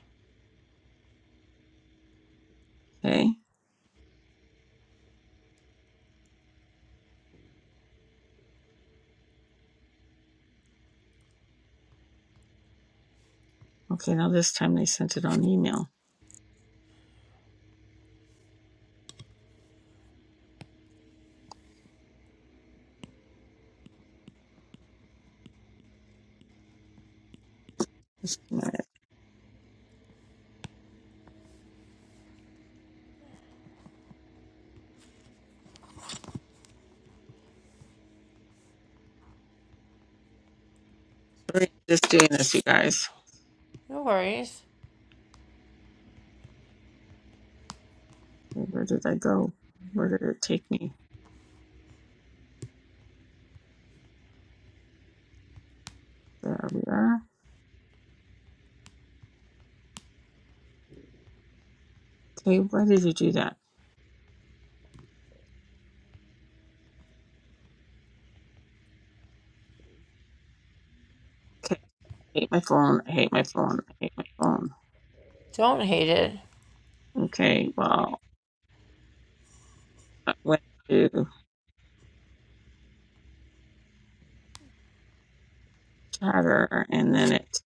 S1: Okay. Okay, now this time they sent it on email. Just Sorry, just doing this, you guys.
S2: No worries.
S1: Okay, Where did I go? Where did it take me? There we are. Okay, why did you do that? Okay, I hate my phone. I hate my phone. I hate my phone.
S2: Don't hate it.
S1: Okay, well, I went to chatter and then it.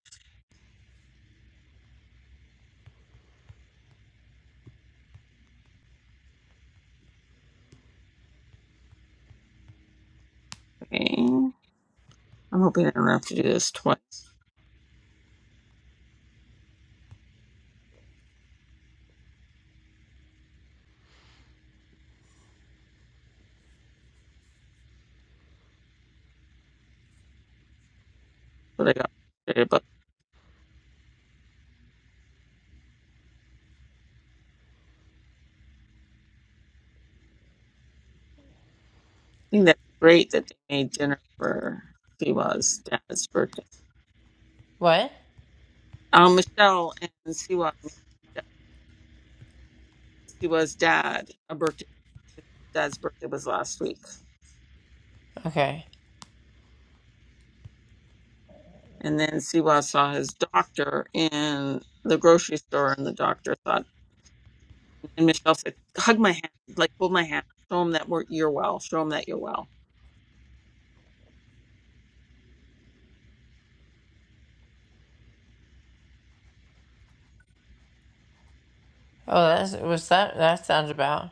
S1: Okay. I'm hoping I don't have to do this twice. So they got frustrated, but I think that's great that they made dinner for Siwa's dad's birthday.
S2: What?
S1: Um, Michelle and Siwa made Siwa's dad a birthday. His dad's birthday was last week,
S2: Okay.
S1: and then Siwa saw his doctor in the grocery store, and the doctor thought, and Michelle said, "Hug my hand, like hold my hand, show him that we're, you're well, show him that you're well."
S2: Oh, that's what's that? That sounds about.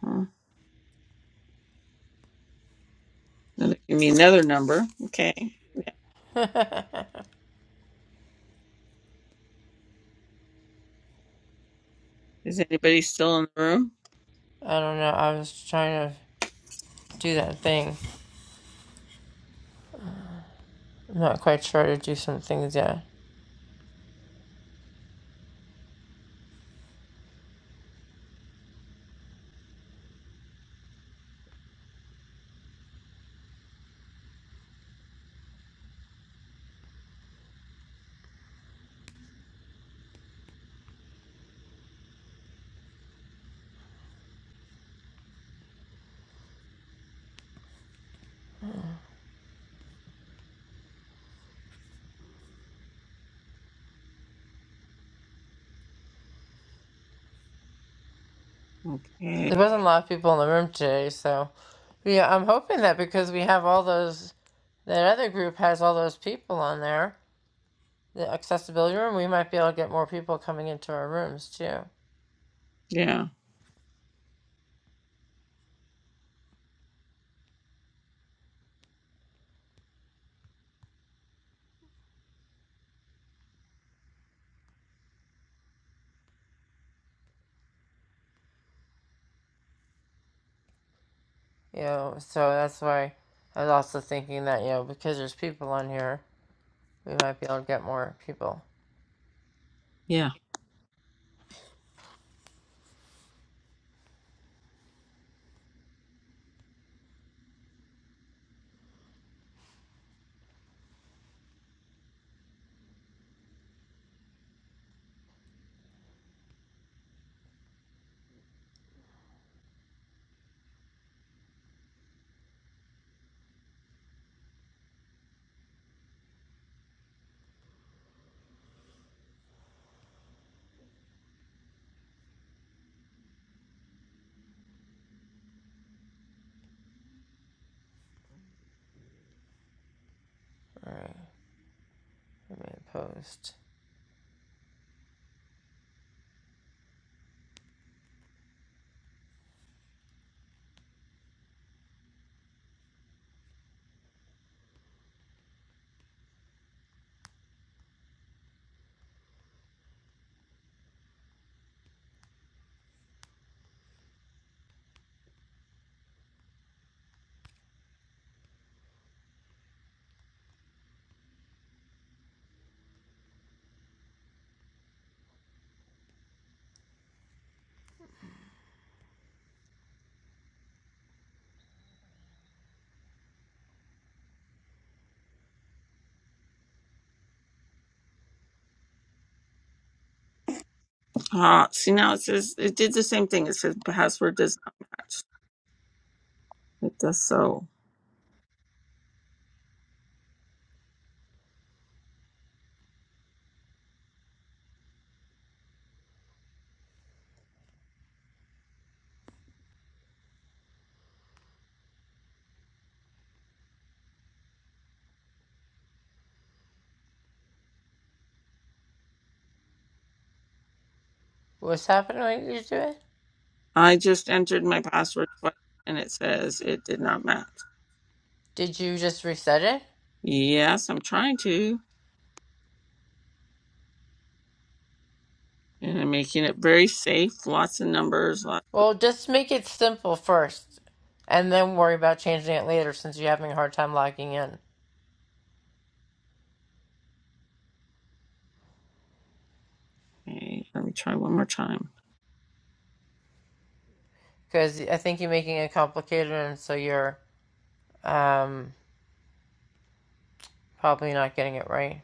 S1: Huh? That'll give me another number. Okay. Yeah. Is anybody still in the room?
S2: I don't know. I was trying to do that thing. I'm not quite sure to do some things yet.
S1: Okay.
S2: There wasn't a lot of people in the room today, so yeah, I'm hoping that because we have all those, that other group has all those people on there, the accessibility room, we might be able to get more people coming into our rooms too.
S1: Yeah.
S2: You know, so that's why I was also thinking that you know because there's people on here, we might be able to get more people.
S1: Yeah.
S2: All right, let me post.
S1: Ah, see now it says it did the same thing. It says password does not match. It does so.
S2: What's happening? What you do it.
S1: I just entered my password twice and it says it did not match.
S2: Did you just reset it?
S1: Yes, I'm trying to. And I'm making it very safe. Lots of numbers. Lot.
S2: Well, just make it simple first, and then worry about changing it later since you're having a hard time logging in.
S1: Okay, let me try one more time.
S2: Because I think you're making it complicated, and so you're um, probably not getting it right.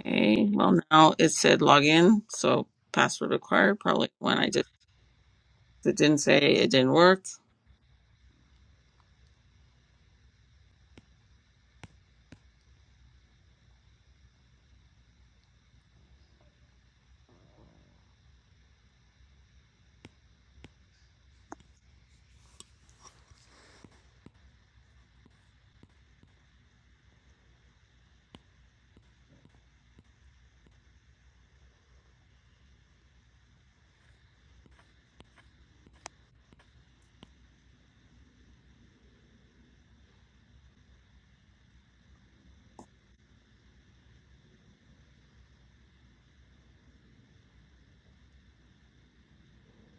S1: Okay, well, now it said login, So password required. Probably when I just it didn't say it didn't work.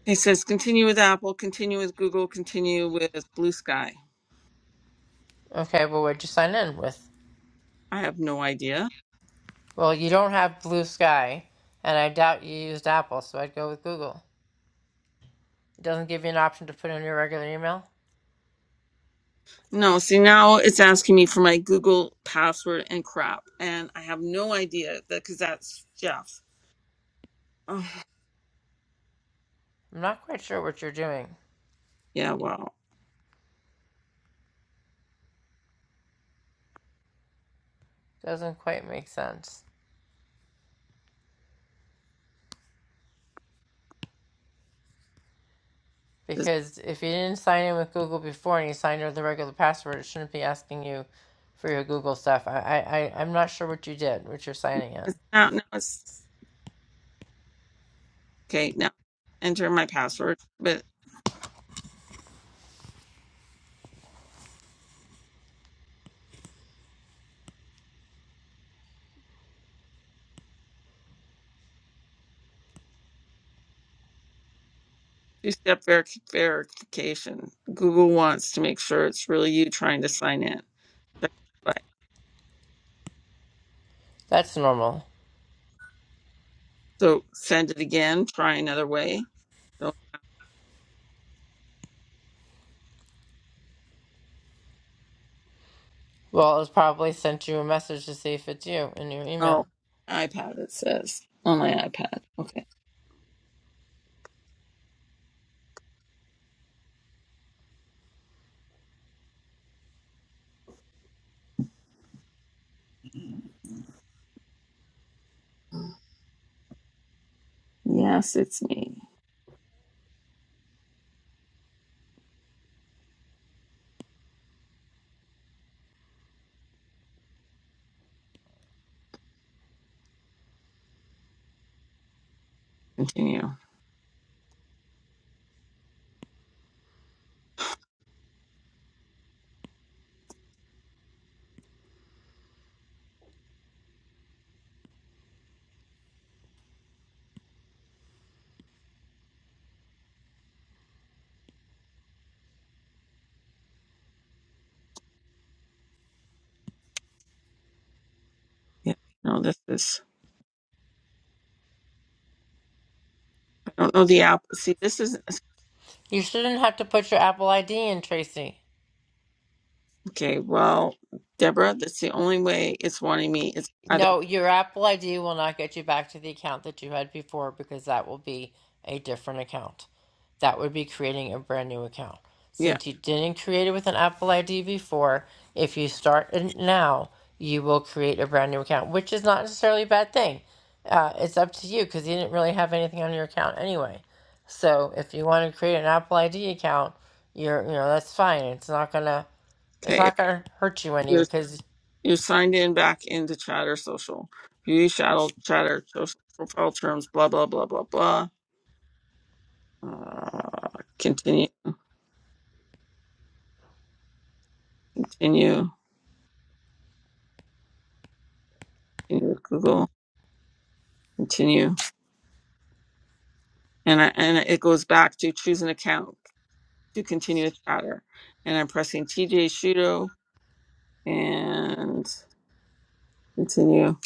S1: It says continue with Apple, continue with Google, continue with Blue Sky.
S2: Okay, well, what'd you sign in with?
S1: I have no idea.
S2: Well, you don't have Blue Sky, and I doubt you used Apple, so I'd go with Google. It doesn't give you an option to put in your regular email.
S1: No, see, now it's asking me for my Google password and crap. And I have no idea because that's Jeff. Oh,
S2: I'm not quite sure what you're doing.
S1: yeah, well,
S2: Doesn't quite make sense.
S1: this,
S2: Because if you didn't sign in with Google before and you signed in with a regular password, it shouldn't be asking you for your Google stuff. I, I, I- am not sure what you did, what you're signing in.
S1: it's not now. it's Okay, now enter my password, but two step verification. Google wants to make sure it's really you trying to sign in. Check the device.
S2: That's normal.
S1: So send it again, try another way. Don't,
S2: Well, it's probably sent you a message to see if it's you in your
S1: oh,
S2: email.
S1: iPad, it says on my iPad. Okay. Yes, it's me. Continue. Yeah. No, this is, I don't know the app. See, this is,
S2: You shouldn't have to put your Apple ID in, Tracy.
S1: okay, well, Deborah, that's the only way it's wanting me. It's either,
S2: No, your Apple ID will not get you back to the account that you had before because that will be a different account. That would be creating a brand new account.
S1: yeah.
S2: Since you didn't create it with an Apple ID before, if you start it now, you will create a brand new account, which is not necessarily a bad thing. Uh, it's up to you because you didn't really have anything on your account anyway. So if you want to create an Apple ID account, you're you know that's fine. It's not gonna it's
S1: Okay.
S2: not gonna hurt you any because
S1: You signed in back into Chatter Social. View Shadow Chatter Social profile terms. Blah blah blah blah blah. Uh, continue, continue, continue with Google. Continue, and I, and it goes back to choose an account to continue with Chatter. And I'm pressing TJ Shudo and continue.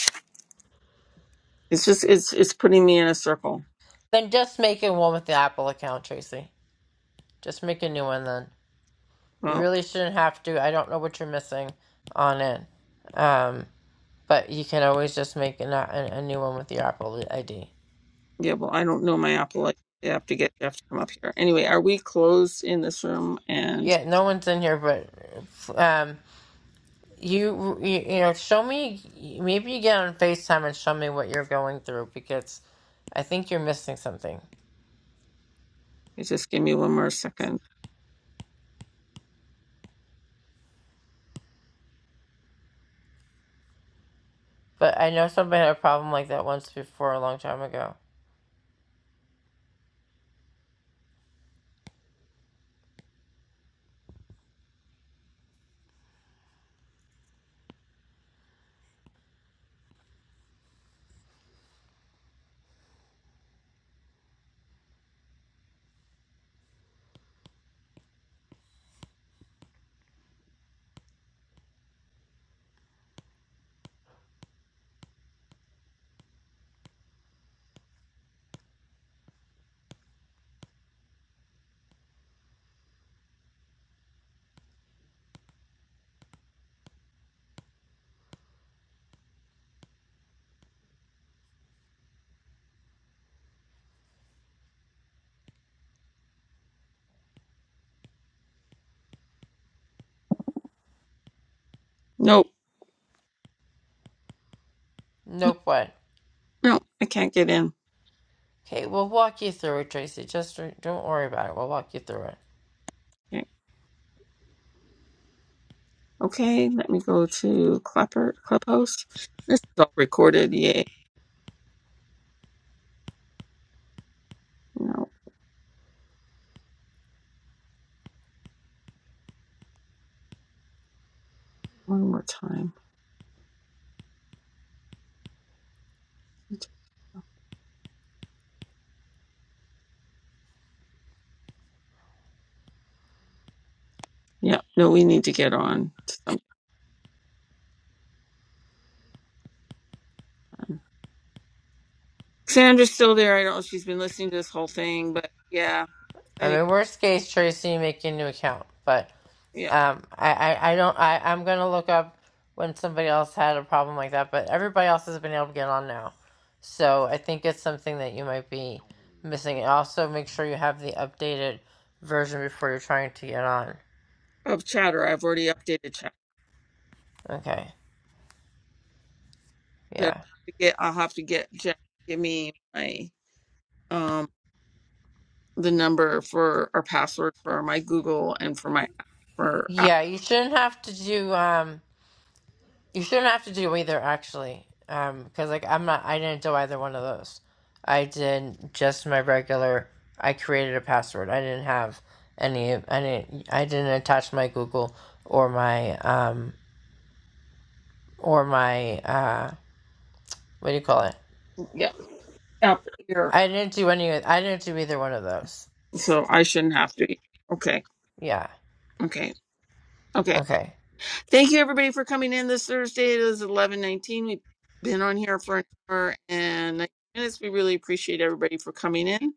S1: It's just it's it's putting me in a circle.
S2: Then just make it one with the Apple account, Tracy. Just make a new one then. You
S1: Well,
S2: really shouldn't have to. I don't know what you're missing on it. Um, but you can always just make an, a, a new one with your Apple ID.
S1: yeah. Well, I don't know my Apple. ID. I have to get I have to come up here. Anyway, are we closed in this room? And
S2: Yeah, no one's in here, but um, you, you you know, show me. Maybe you get on Facetime and show me what you're going through because I think you're missing something.
S1: just give me one more second.
S2: But I know somebody had a problem like that once before a long time ago.
S1: Nope. Nope.
S2: Nope, what?
S1: No, I can't get in.
S2: Okay, we'll walk you through it, Tracy. Just don't worry about it. We'll walk you through it.
S1: Okay, Okay, let me go to Clubber Clubhouse. This is all recorded. Yay. No, one more time. Yeah, no, we need to get on. Sandra's still there. I don't know if she's been listening to this whole thing, but yeah, I
S2: I
S1: need,
S2: mean, worst case, Tracy, make a new account. But
S1: yeah,
S2: um, I, I, I don't. I, I'm gonna look up when somebody else had a problem like that. But everybody else has been able to get on now, so I think it's something that you might be missing. And also, make sure you have the updated version before you're trying to get on.
S1: of chatter. I've already updated chatter.
S2: Okay.
S1: But
S2: Yeah.
S1: I'll get, I'll have to get Jack to give me my um the number for our password for my Google and for my for Apple.
S2: Yeah. You shouldn't have to do. Um, You shouldn't have to do either, actually, um, because like I'm not, I didn't do either one of those. I did just my regular. I created a password. I didn't have any. I didn't. I didn't attach my Google or my um or my uh what do you call it?
S1: Yeah, Apple.
S2: I didn't do any. I didn't do either one of those.
S1: so I shouldn't have to. Okay,
S2: Yeah.
S1: okay, okay.
S2: Okay.
S1: Thank you everybody for coming in this Thursday. It is eleven nineteen. We've been on here for an hour and 19 minutes. We really appreciate everybody for coming in.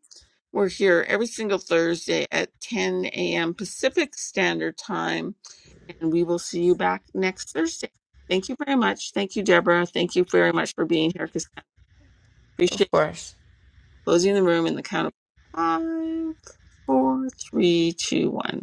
S1: We're here every single Thursday at ten a.m. Pacific Standard Time, and we will see you back next Thursday. Thank you very much. Thank you, Deborah. Thank you very much for being here, Cassandra. Appreciate
S2: Of
S1: it.
S2: course.
S1: closing the room in the count of five, four, three, two, one.